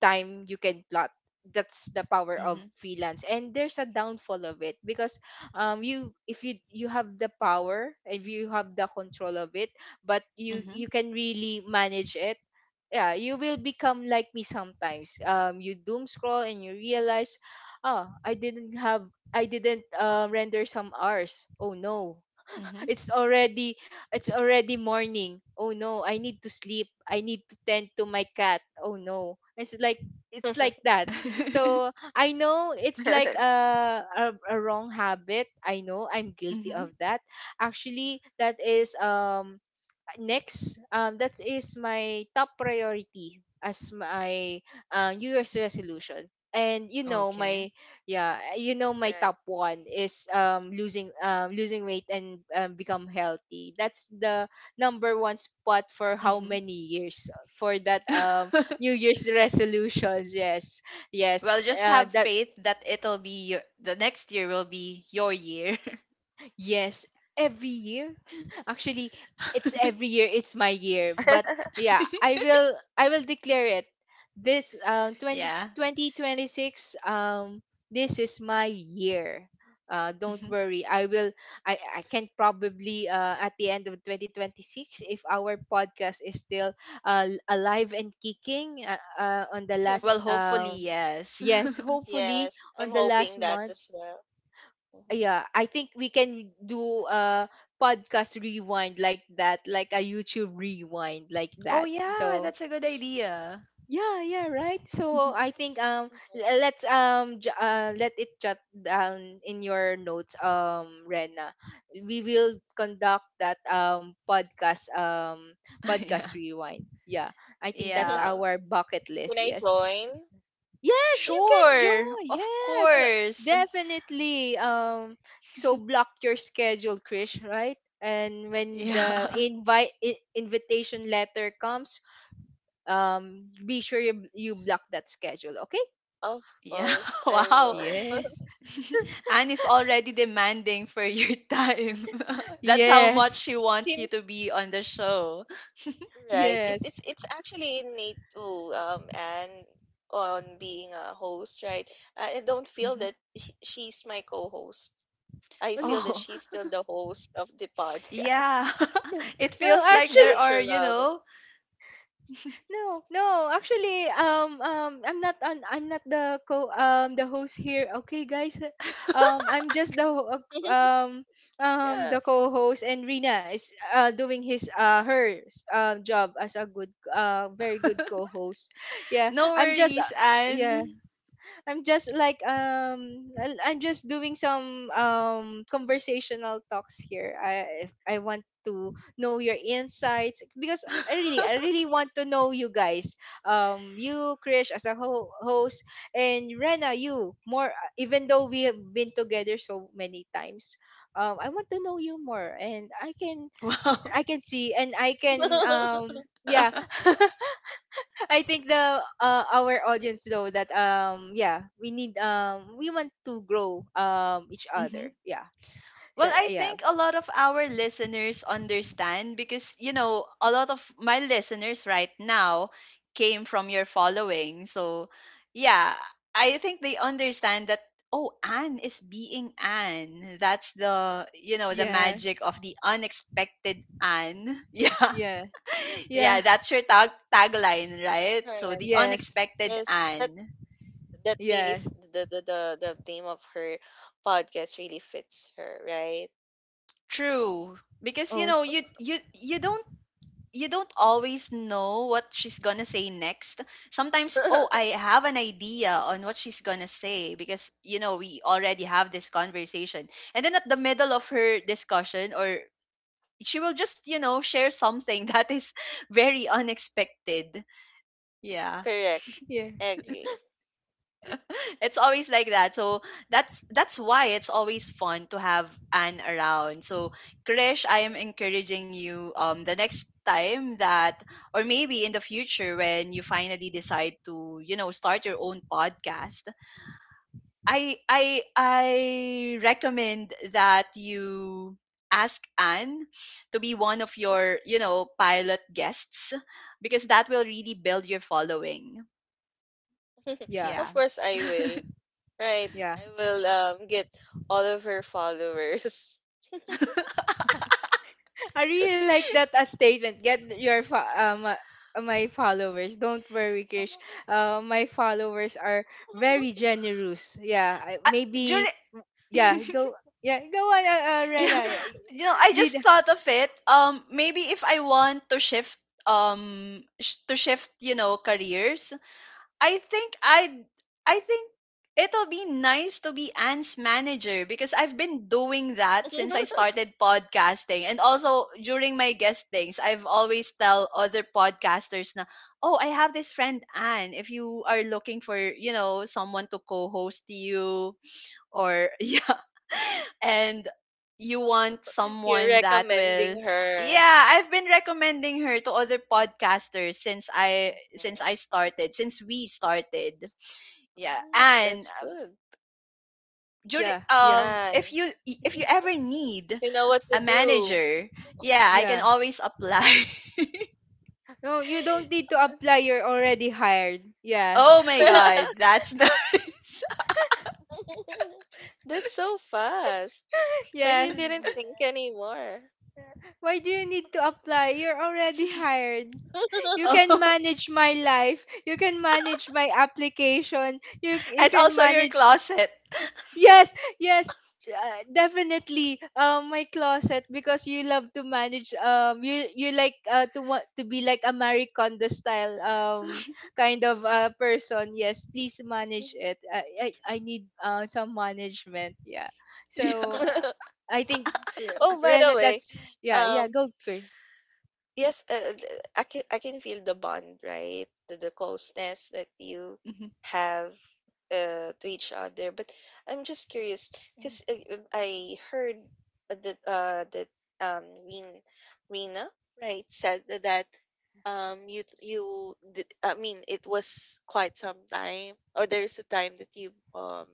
C: time you can plot. That's the power of
A: Mhm.
C: freelance, and there's a downfall of it, because you if you have the power, if you have the control of it, but
A: Mhm.
C: you can really manage it. Yeah, you will become like me sometimes. You doom scroll and you realize, oh, I didn't, render some hours, oh no.
A: Mhm.
C: it's already it's already morning, oh no. I need to sleep, I need to tend to my cat, oh no. It's like that. So I know it's like a wrong habit, I know I'm guilty
A: Mhm.
C: of that. Actually, that is my top priority as my new year's resolution. And you know
A: Okay.
C: my, yeah, you know my top
B: Right.
C: one is, losing weight and, become healthy. That's the number one spot for how
A: Mhm.
C: many years, for that, new year's resolutions, yes. Yes,
A: Well, just have
C: that.
A: faith that it'll be your, the next year will be your year.
C: Yes, every year. Actually, it's every year. It's my year. But yeah, I will declare it. This, twenty
A: Yeah.
C: twenty twenty six, this is my year. Don't
A: Mhm.
C: worry. I can probably, at the end of 2026, if our podcast is still, alive and kicking, on the last,
A: Well, hopefully, yes.
C: yes, hopefully,
B: Yes, I'm
C: on the last
B: hoping that
C: month.
B: as well. Mhm.
C: Yeah, I think we can do a podcast rewind like that, like a YouTube rewind like
A: Oh
C: that,
A: yeah,
C: so
A: that's a good idea.
C: yeah, yeah, right. So I think,
B: Mhm.
C: let's, let it jot down in your notes, Rena. We will conduct that, podcast
A: Yeah.
C: rewind. Yeah, I think that's
A: Yeah.
C: our bucket
B: Can
C: list,
B: I
C: yes.
B: join?
C: Yes, you can
A: Sure,
C: join.
A: of
C: Yes,
A: course.
C: definitely. So block your schedule, Krish, right? And when the
A: Yeah.
C: invitation letter comes, be sure you block that schedule. Okay?
B: Of
A: Yeah.
B: course, I
A: Wow.
B: will.
C: Yes,
A: Anne is already demanding for your time. That's how much
C: yes,
A: she
B: It's
A: wants you to be on the show.
B: Right. It,
C: yes.
B: it's it's actually innate too, and on being a host, right? I don't feel
A: Mhm.
B: that she's my co-host. I
C: Oh,
B: feel that
A: Oh,
B: she's still the host of the podcast.
A: yeah.
C: no,
A: It
C: no,
A: feels
B: It's
A: like there
C: actually.
A: are, you
B: natural.
A: know,
C: No, no. Actually, I'm not the, co the host here. Okay, guys. I'm just the,
B: Yeah.
C: the co-host, and Rina is, doing his her, job as a good, very good co-host. Yeah,
A: no
C: I'm just
A: worries,
C: uh, yeah,
A: Anne.
C: I'm just like, I'm just doing some, conversational talks here. I If I want to know your insights, because I really want to know you guys. You, Krish, as a host, and Rena, you more, even though we have been together so many times. I want to know you more, and
A: Wow.
C: I can see, and I can, yeah. I think the our audience know that, yeah, we want to grow, each
A: Mhm.
C: other, yeah. So
A: Well, I
C: yeah,
A: think a lot of our listeners understand because, you know, a lot of my listeners right now came from your following. So, yeah, I think they understand that, oh, Anne is being Anne. That's the, you know, the
C: yeah,
A: magic of the unexpected Anne. Yeah.
C: yeah. Yeah,
A: Yeah, that's your tagline, right? So,
B: Correct.
A: the
C: yes,
A: unexpected
B: Yes,
A: Anne.
B: that really
C: yes,
B: the, the name of her podcast really fits her, right?
A: True. Because, you
C: oh
A: know, you don't, you don't always know what she's gonna say next. Sometimes, oh, I have an idea on what she's gonna say because you know we already have this conversation, and then at the middle of her discussion, or she will just, you know, share something that is very unexpected. Yeah.
B: Correct.
C: yeah,
B: Agree.
A: It's always like that. So that's why it's always fun to have Anne around. So Krish, I am
B: Mhm.
A: encouraging you, the next time that, or maybe in the future when you finally decide to, you know, start your own podcast, I recommend that you ask Anne to be one of your, you know, pilot guests because that will really build your following.
C: yeah,
A: Yeah.
B: Of course, I will. Right.
C: yeah.
B: I will get all of her followers.
C: I really like that, statement, get your, my followers, don't worry Krish, my followers are very generous, yeah.
A: Uh, during
C: Maybe, yeah, go, yeah, go on,
A: yeah.
C: Rena,
A: You know, I just
C: lead.
A: thought of it. Maybe if I want to shift, to shift, you know, careers, I think I'd, I think it'll be nice to be Anne's manager because I've been doing that since I started podcasting. And also during my guestings, I've always tell other podcasters na, oh, I have this friend Anne. If you are looking for, you know, someone to co-host you or yeah, and you want
B: You're
A: someone that will
B: recommending her.
A: yeah, I've been recommending her to other podcasters since
B: Mhm.
A: I started since we started. Yeah.
B: Mm,
A: And
B: that's good.
A: during
C: Yeah, yeah.
B: And
A: if you, if you ever need
B: you know what to
A: a
B: do.
A: manager, yeah, I can
C: Yeah.
A: always apply.
C: No, you don't need to apply. You're already hired. Yeah.
A: Oh my god, that's nice.
B: That's so fast. Like you
C: Yes.
B: didn't think anymore.
C: Why do you need to apply? You're already hired. You can
A: Oh,
C: manage my life. You can manage my application. You
A: and
C: can
A: also your
C: manage.
A: closet.
C: Yes, yes, definitely. My closet, because you love to manage. You like, to want to be like a Marie Kondo style, kind of, person. Yes, please manage it. I need, some management. Yeah. So,
A: Yeah.
C: I think,
B: Oh, by the
C: Rena,
B: way,
C: that's, yeah, yeah.
B: um,
C: Go Chris.
B: yes uh, th- I can feel the bond, right, the closeness that you
A: Mhm.
B: have to each other, but I'm just curious because I heard that that um Rin, Rina, right, said that you you did, I mean, it was quite some time, or there's a time that you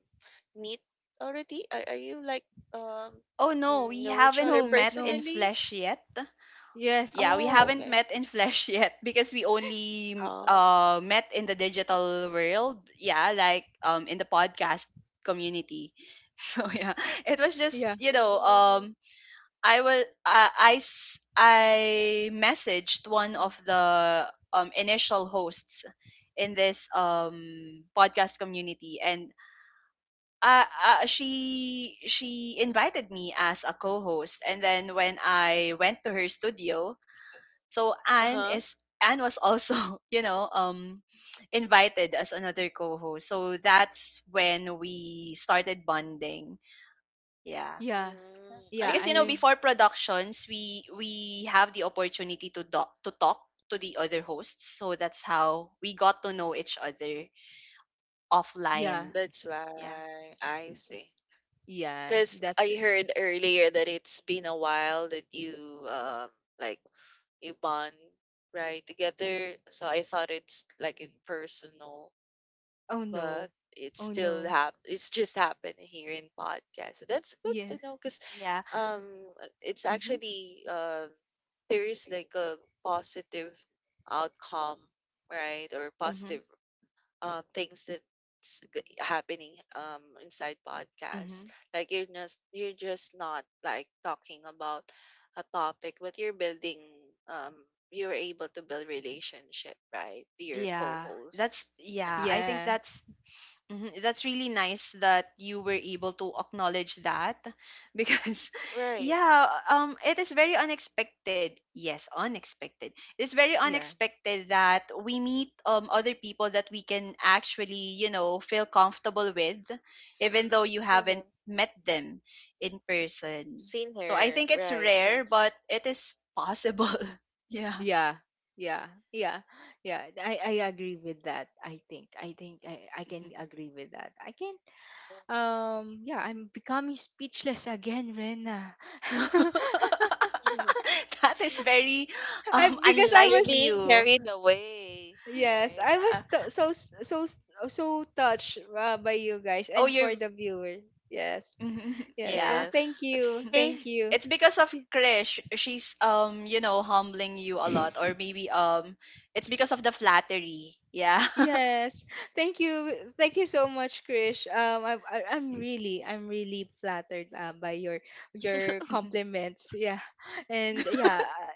B: meet already, are you like um
A: Oh no, we
B: know each
A: haven't
B: other
C: No,
A: met in
C: no.
B: personally?
A: flesh yet.
C: Yes.
A: Yeah, we
B: Oh,
A: haven't
B: okay.
A: met in flesh yet because we only
B: Oh,
A: met in the digital world. Yeah, like in the podcast community. So yeah, it was just,
C: Yeah,
A: you know,
B: Mm,
A: I will I s- I messaged one of the initial hosts in this podcast community, and she invited me as a co-host, and then when I went to her studio, so
B: uh-huh.
A: Anne was also, you know, invited as another co-host. So that's when we started bonding. Yeah.
C: yeah,
B: Mm,
C: yeah.
B: I
A: Because you know,
B: see.
A: before productions, we have the opportunity to to talk to the other hosts. So that's how we got to know each other
C: Yeah,
A: offline.
B: That's
A: Yeah.
B: why I see.
C: yeah.
B: Because
C: That's
B: I
C: it.
B: heard earlier that it's been a while that you um like you bond right together. So I thought it's like impersonal,
C: Oh
B: but
C: no.
B: it's
C: Oh
B: still
C: no.
B: hap it's just happened here in podcast. So that's good to
C: Yes.
B: know because
A: Yeah.
B: um it's
A: Mhm.
B: actually there is like a positive outcome right or
A: Mhm.
B: positive things that's happening inside podcasts.
A: Mhm.
B: Like you're just not like talking about a topic, but you're building um you're able to build relationship, right, to your
A: Yeah. That's
B: co-hosts and
A: yeah, I think
B: host.
C: Yeah,
A: that's Mhm. That's really nice that you were able to acknowledge that because
B: Right.
A: yeah, it is very unexpected. Yes, unexpected. It is very
C: yeah,
A: unexpected that we meet other people that we can actually, you know, feel comfortable with even though you
B: Mm-hmm.
A: haven't met them in person.
B: Seen
A: So I
B: her.
A: think it's
B: Right.
A: rare,
B: Yes.
A: but it is possible. Yeah.
C: yeah, yeah, yeah, yeah. I agree with that. I think I can
A: Mm-hmm.
C: agree with that. I can, yeah, I'm becoming speechless again, Rena.
B: Mhm.
A: That is very
C: I Because I
B: You're
A: unlike
C: was
B: being
A: you.
B: carried away.
C: yes,
B: Right.
C: I was,
A: Yeah.
C: so touched, by you guys
A: Oh,
C: and
A: you're
C: for the viewers. Yes. Yeah, so
A: yeah.
B: Yes.
C: thank
B: It's
C: you.
B: okay.
C: Thank you.
A: It's because of Krish. She's, you know, humbling you a lot, or maybe it's because of the flattery. Yeah.
C: Yes. Thank you. Thank you so much, Krish. I'm really flattered, by your compliments. Yeah, and yeah,
B: It's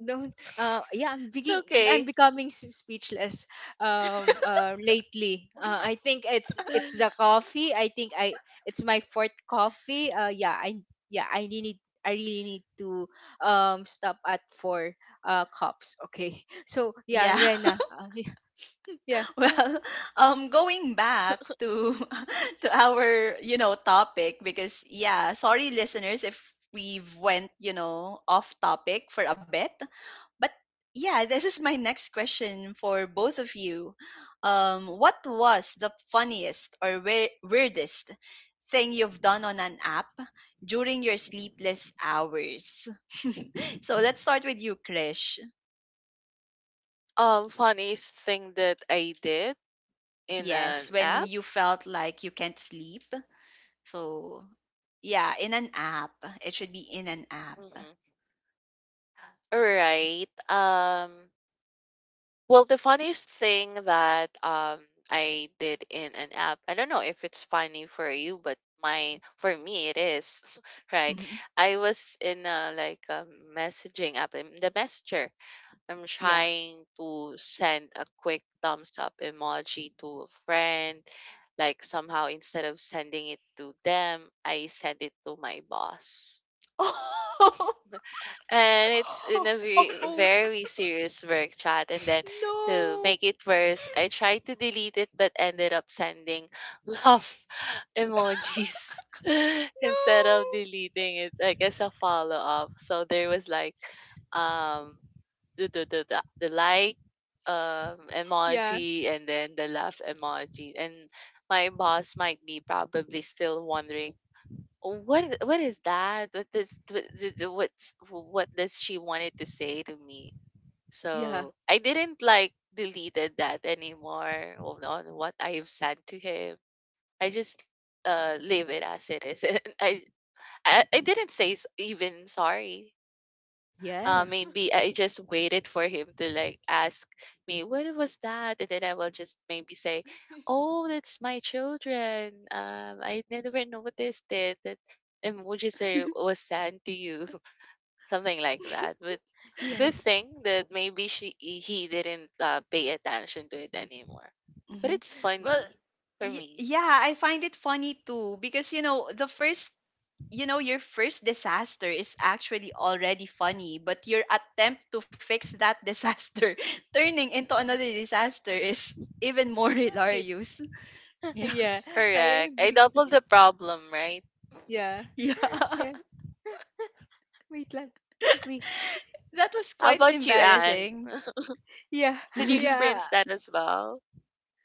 C: don't. Yeah, I'm
B: okay.
C: becoming speechless. Lately, I think it's the coffee. I think I It's my fourth coffee. Yeah, I yeah, I really need. I really need to, stop at four, cups. Okay. So yeah,
A: Yeah.
C: Rena. Yeah.
A: Well, going back to to our, you know, topic, because yeah, sorry listeners if we've went, you know, off topic for a bit. But yeah, this is my next question for both of you. What was the funniest or weirdest thing you've done on an app during your sleepless hours? So let's start with you, Krish.
B: Funniest thing that I did in
A: Yes,
B: an
A: when
B: app?
A: you felt like you can't sleep. So yeah, in an app. It should be in an app.
B: Mm-hmm. All right. Well, the funniest thing that I did in an app, I don't know if it's funny for you, but mine for me it is, right?
A: Mhm.
B: I was in a like a messaging app, in the messenger. I'm
A: Yeah.
B: trying to send a quick thumbs up emoji to a friend. Like somehow, instead of sending it to them, I send it to my boss. And it's in a very,
C: Oh,
B: very serious work chat. And then, to
C: no,
B: make it worse, I tried to delete it but ended up sending love emojis instead of
C: no.
B: deleting it, like as a follow up. So there was like um the like
C: Yeah,
B: emoji, and then the laugh emoji, and my boss might be probably still wondering, "Oh, what is that, what this what's what does she wanted to say to me, so
C: yeah,
B: I didn't like deleted that anymore on what I've said to him, I just leave it as it is and I I didn't say even sorry
C: yes,
B: maybe I just waited for him to like ask me what was that, and then I will just maybe say, "Oh, that's my children. I never noticed it." That and would you say
A: Oh.
B: was sent to you, something like that. But
C: yeah,
B: good thing that maybe she he didn't pay attention to it anymore. But
A: Mhm.
B: it's
A: Well,
B: funny for me,
A: yeah, I find it funny too because you know the first, you know, your first disaster is actually already funny, but your attempt to fix that disaster turning into another disaster is even more
B: right?
A: hilarious. Yeah,
C: yeah. I
B: Correct. I
C: agree.
B: doubled the problem, right?
C: Yeah,
A: yeah,
C: yeah. Wait lang. Wait.
A: that was
B: How
A: quite
B: about you, Anne?
A: embarrassing.
C: Yeah,
B: Did you
A: Mhm,
C: yeah.
B: experience that as well?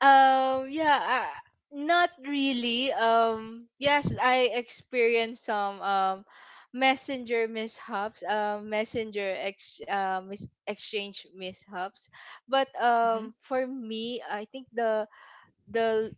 C: Yeah. Uh, Not really. Yes, I experienced some, messenger mishaps. Exchange mishaps. But, for me, I think the,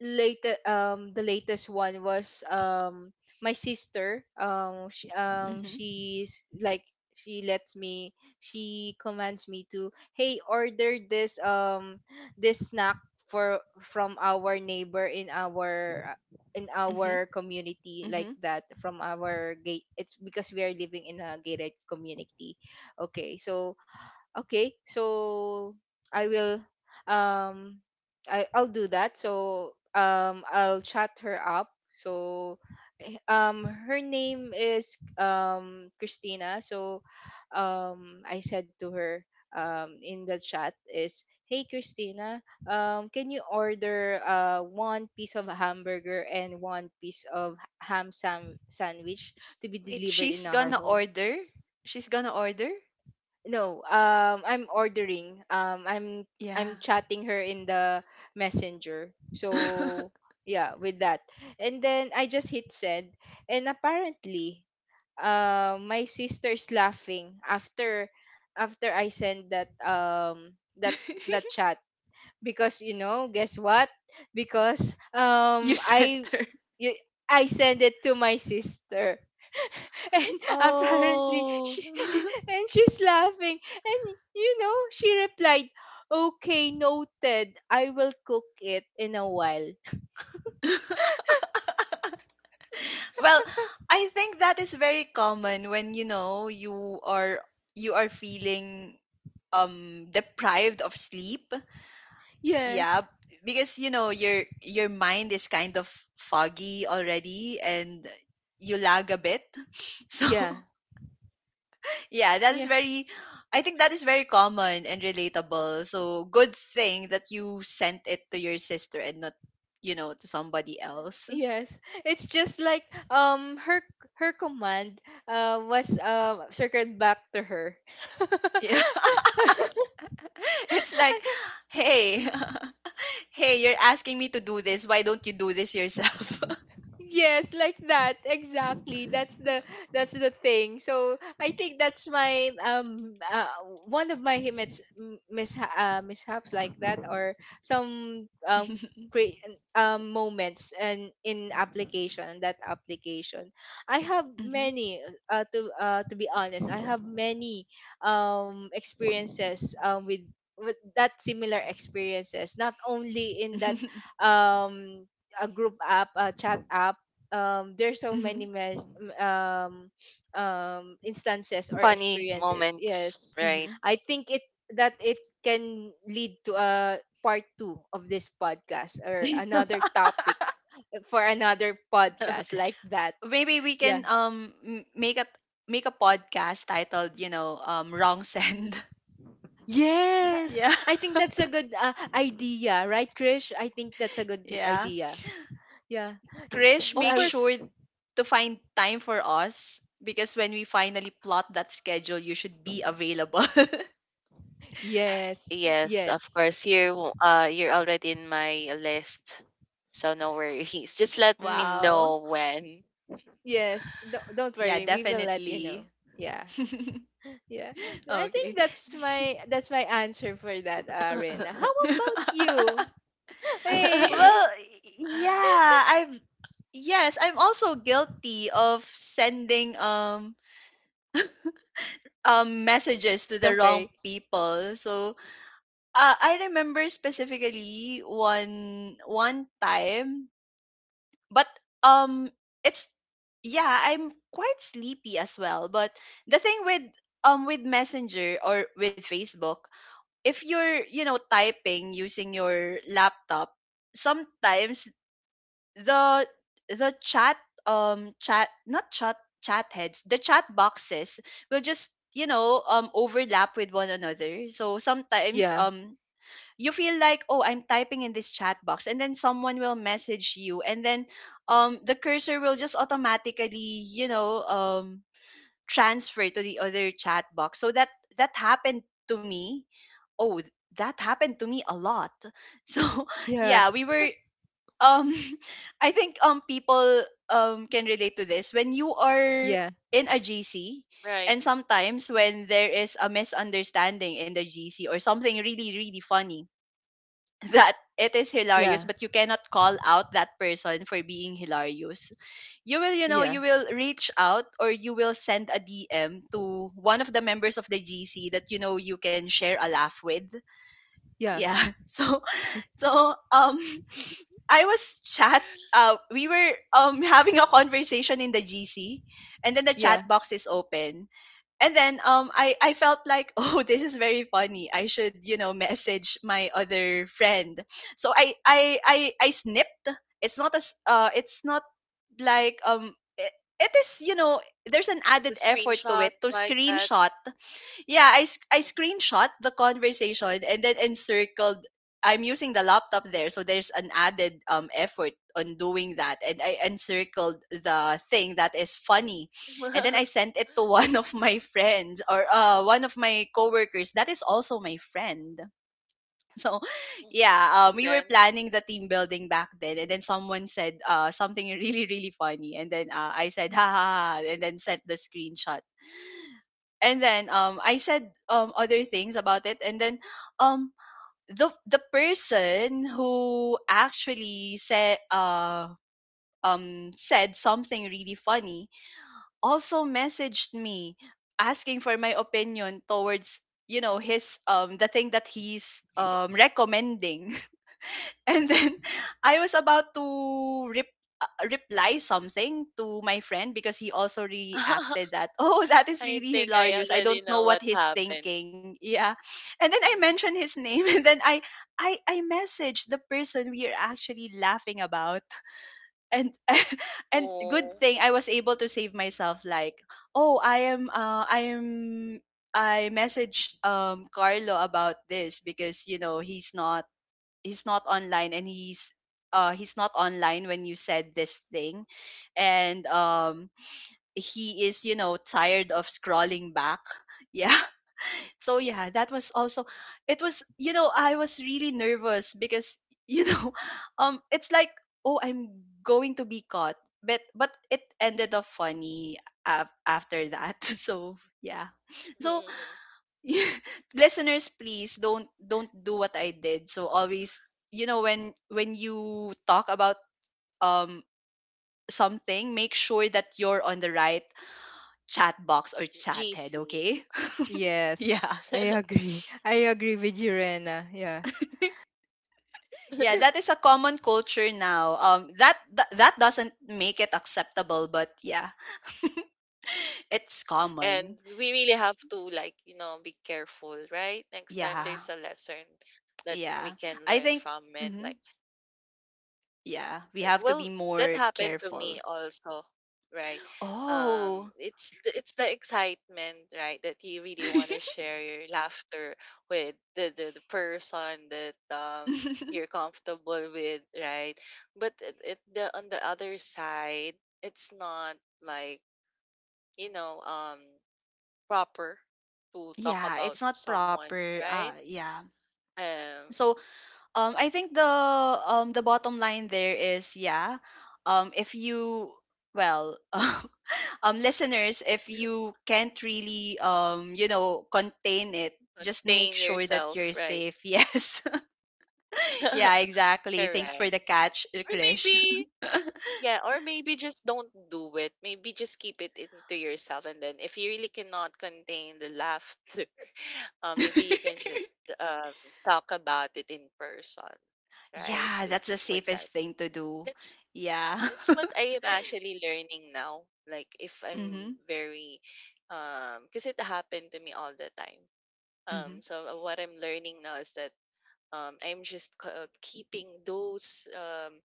C: later the latest one was, my sister,
A: mhm,
C: she's like, she lets me she commands me to, hey, order this, this snack for from our neighbor in our, in
A: mhm,
C: our community like
A: mhm.
C: that, from our gate. It's because we are living in a gated community. okay so okay, so I will, um I'll do that. So, I'll chat her up. So, her name is, Christina. So, I said to her, in the chat is, hey Christina, can you order, one piece of hamburger and one piece of sandwich,
A: Sh-
C: to be
A: wait,
C: delivered in
A: she's
C: our
A: gonna
C: home.
A: order. She's gonna order.
C: No, I'm ordering.
A: Yeah.
C: I'm chatting her in the messenger. So yeah, with that, and then I just hit send. And apparently, my sister's laughing after, I send that, that chat, because, you know, guess what? Because,
A: You sent her.
C: y- I send it to my sister. And apparently,
A: Oh.
C: she and she's laughing. And, you know, she replied, okay, noted, I will cook it in a while.
A: Well, I think that is very common when you know you are, you are feeling deprived of sleep. Yeah,
C: Yes,
A: because you know your mind is kind of foggy already, and you lag a bit. So,
C: yeah,
A: yeah, that is
C: yeah.
A: very I think that is very common and relatable. So, good thing that you sent it to your sister and not, you know, to somebody else.
C: Yes, it's just like, um her her command, was, circled back to her.
A: Yeah. It's
C: I,
A: like, hey, hey, you're asking me to do this. Why don't you do this yourself?
C: Yes, like that. Exactly. That's the thing. So I think that's my, one of my mishaps like that, or some, cre- moments and in application, that application. I have
A: Mhm,
C: many, to be honest, I have many, experiences, with, that similar experiences, not only in that,
A: mhm,
C: um a group app, a chat app, there's so many,
A: mhm,
C: um, instances or
B: Funny
C: experiences.
B: moments,
C: Yes,
B: right?
A: mhm.
C: I think it can lead to a part two of this podcast, or
A: Mhm.
C: another topic, for another podcast like that.
A: Maybe we can
C: Yeah.
A: make a make a podcast titled, you know, Wrong Send.
C: Yes,
A: Yeah.
C: I think that's a good, idea, right, Krish? I think that's a good
A: Yeah.
C: idea. Yeah. Y-
A: Krish,
B: Of
A: make
C: uh,
A: sure
B: course,
A: to find time for us because when we finally plot that schedule, you should be available.
C: Yes.
B: yes, of
C: Yes.
B: course. You're already in my list. So no worries. Just let me
A: Wow.
B: know when.
C: Yes, don't
A: Yeah,
C: worry. We will let you know.
A: definitely.
C: Yeah. Yeah. I
A: Okay.
C: think that's my That's my answer for that, Rena. How about you? Hey.
A: Well, yeah, I'm yes, I'm also guilty of sending um messages to
C: It's
A: the wrong
C: okay.
A: people. So, I remember specifically one time, but um it's yeah, I'm quite sleepy as well, but the thing with Messenger or with Facebook, if you're, you know, typing using your laptop, sometimes the the chat chat not chat chat heads, the chat boxes will just, you know, overlap with one another. So sometimes,
C: Yeah.
A: you feel like, oh, I'm typing in this chat box and then someone will message you, and then the cursor will just automatically, you know, transfer to the other chat box. So that happened to me. oh th- that happened to me a lot. So
C: Yeah.
A: yeah, we were, um I think people can relate to this when you are
C: Yeah.
A: in a GC.
B: Right.
A: And sometimes
B: Mhm.
A: when there is a misunderstanding in the GC or something really, really funny, that it is hilarious,
C: Yeah.
A: but you cannot call out that person for being hilarious. You will, you know,
C: Yeah.
A: you will reach out or you will send a DM to one of the members of the GC that you know you can share a laugh with.
C: Yeah.
A: Yeah. So,
C: y-
A: so, I was chat we were, having a conversation in the GC, and then the chat
C: Yeah.
A: box is open. And then I felt like, oh, this is very funny, I should, you know, message my other friend. So I snipped. It's not as it's not like it, It is, you know, there's an
B: It's a
A: added effort to
B: screenshot
A: it, to
B: like that.
A: screenshot. Yeah, I
B: Mm-hmm.
A: screenshot the conversation and then encircled. I'm using the laptop there, so there's an added effort on doing that. And I encircled the thing that is funny, and then I sent it to one of my friends, or one of my coworkers that is also my friend. So,
B: Hmm.
A: yeah,
B: And
A: we
B: then
A: were planning the team building back then, and then someone said something really, really funny, and then I said ha ha ha, and then sent the screenshot. And then I said other things about it. And then um the person who actually said said something really funny also messaged me, asking for my opinion towards, you know, his the thing that he's recommending. And then I was about to reply something to my friend because he also reacted that, oh, that is
B: I
A: really
B: think I
A: hilarious. I
B: already
A: don't know
B: know what
A: what he's
B: happened.
A: thinking. Yeah. And then I
B: Mhm.
A: mentioned his name and then I messaged the person we are actually laughing about. And and good
B: Oh.
A: thing I was able to save myself, like, oh, I am, I am, I messaged Carlo about this because, you know, he's not, he's not online, and he's, he's not online when you said this thing. And
B: Mhm.
A: he is, you know, tired of scrolling back. Yeah. So yeah, that was also, it was, you know, I was really nervous because you know, it's like, oh, I'm going to be caught. But it ended up funny after that. So yeah. So
B: Mhm.
A: listeners, please, don't do what I did. So always, you know, when you talk about um something, make sure that you're on the right chat box or chat
B: GC.
A: head, okay?
C: Yes.
A: Yeah.
C: I agree. I agree with you, Rena. Yeah.
A: Yeah, that is a common culture now. That doesn't make it acceptable, but yeah. It's
B: And
A: common.
B: we really have to like, you know, be careful, right? Next time
A: Yeah.
B: there's a lesson that
A: Yeah,
B: we can
A: I
B: learn
A: think,
B: from it.
A: hmm,
B: Like
A: yeah, we have to
B: well,
A: be
B: that
A: more
B: happened to
A: careful.
B: me also, right?
A: Oh.
B: It's the excitement, right, that you really want to share your laughter with the person that you're comfortable with, right? But it the on the other side, it's not like, you know, proper to talk
A: Yeah,
B: about
A: it's not
B: someone,
A: proper.
B: right?
A: Yeah.
B: Um,
A: So, I think the bottom line there is, yeah, if you, well, listeners, if you can't really, you know, contain it, just make
B: contain
A: sure that you're
B: yourself, right?
A: safe. Yes. Yeah, exactly. Thanks for
B: Correct.
A: the catch,
B: Or
A: Krish.
B: maybe, yeah, or maybe just don't do it. Maybe just keep it into yourself. And then if you really cannot contain the laughter, maybe you can just um, talk about it in person, right?
A: Yeah,
B: To,
A: that's the
B: with that
A: safest thing to do.
B: That's right.
A: Yeah.
B: That's what I am actually learning now. Like if I'm
A: Mhm.
B: very because it happened to me all the time.
A: Mhm.
B: So what I'm learning now is that I'm just keeping those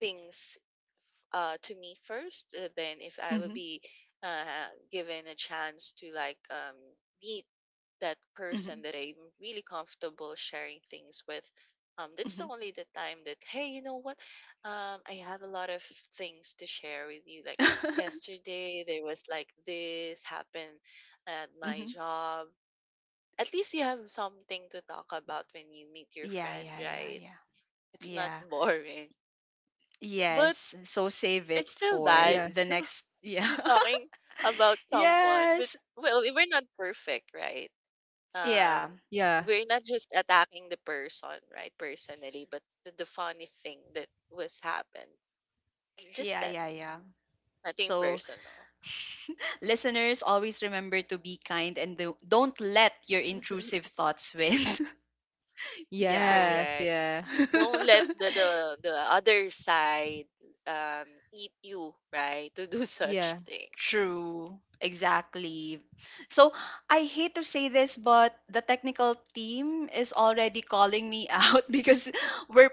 B: things to me first, then if I will
A: Mhm.
B: be given a chance to like meet that person
A: Mhm.
B: that I'm really comfortable sharing things with. That's the
A: Mhm.
B: only the time that, hey, you know what? I have a lot of things to share with you. Like yesterday, there was like this happened at my
A: Mhm.
B: job. At least you have something to talk about when you meet your
A: Yeah,
B: friend,
A: yeah, yeah,
B: right?
A: yeah.
B: It's not
A: Yeah.
B: boring, but
A: Yes. So save it
B: it's still
A: for
B: bad.
C: Yeah.
A: the next, yeah.
B: You're talking about someone, but
A: Yes.
B: well, we're not perfect, right?
A: Yeah.
B: um
C: Yeah.
B: we're not just attacking the person right personally, but the funny thing that was happened just
A: Yeah,
B: that
A: yeah, yeah.
B: nothing
A: So
B: personal.
A: listeners, always remember to be kind and don't let your intrusive thoughts win. Yeah.
C: Yes.
B: Correct.
C: Yeah.
B: Don't let the other side um eat you right to do such
C: Yeah.
B: thing.
A: True, exactly. So I hate to say this, but the technical team is already calling me out because we're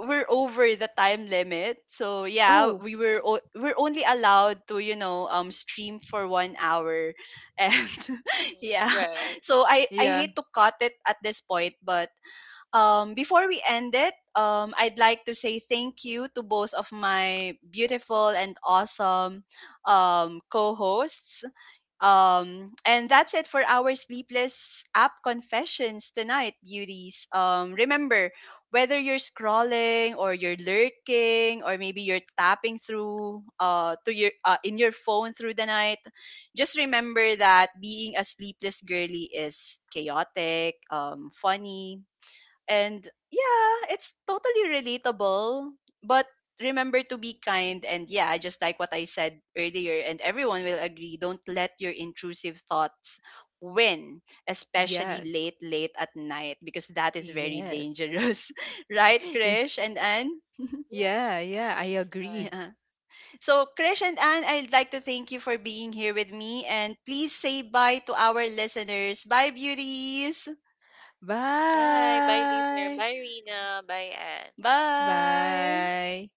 A: we're over the time limit. So yeah,
C: Oh.
A: we were
B: Mhm.
A: we're only allowed to, you know, stream for 1 hour, and yeah.
B: Right.
A: So I
C: Yeah.
A: hate to cut it at this point, but before we end it, I'd like to say thank you to both of my beautiful and awesome co hosts. And that's it for our Sleepless app confessions tonight, beauties. Remember, whether you're scrolling or you're lurking or maybe you're tapping through, to your, in your phone through the night, just remember that being a sleepless girly is chaotic, funny, and yeah, it's totally relatable. But remember to be kind. And yeah, just like what I said earlier, and everyone will agree, don't let your intrusive thoughts win, especially
C: Yes.
A: late, late at night, because that is very
C: Yes.
A: dangerous. Right,
C: Yeah.
A: Krish and
B: Mhm.
A: Anne?
B: Yes.
C: Yeah. Yeah. I
B: Mhm. Right.
C: agree.
A: Yeah. So, Krish and Anne, I'd like to thank you for being here with me. And please say bye to our listeners. Bye, beauties.
B: Bye bye, Lisa.
C: Bye.
B: Bye, Rina. Bye, Anne.
A: Bye.
C: Bye.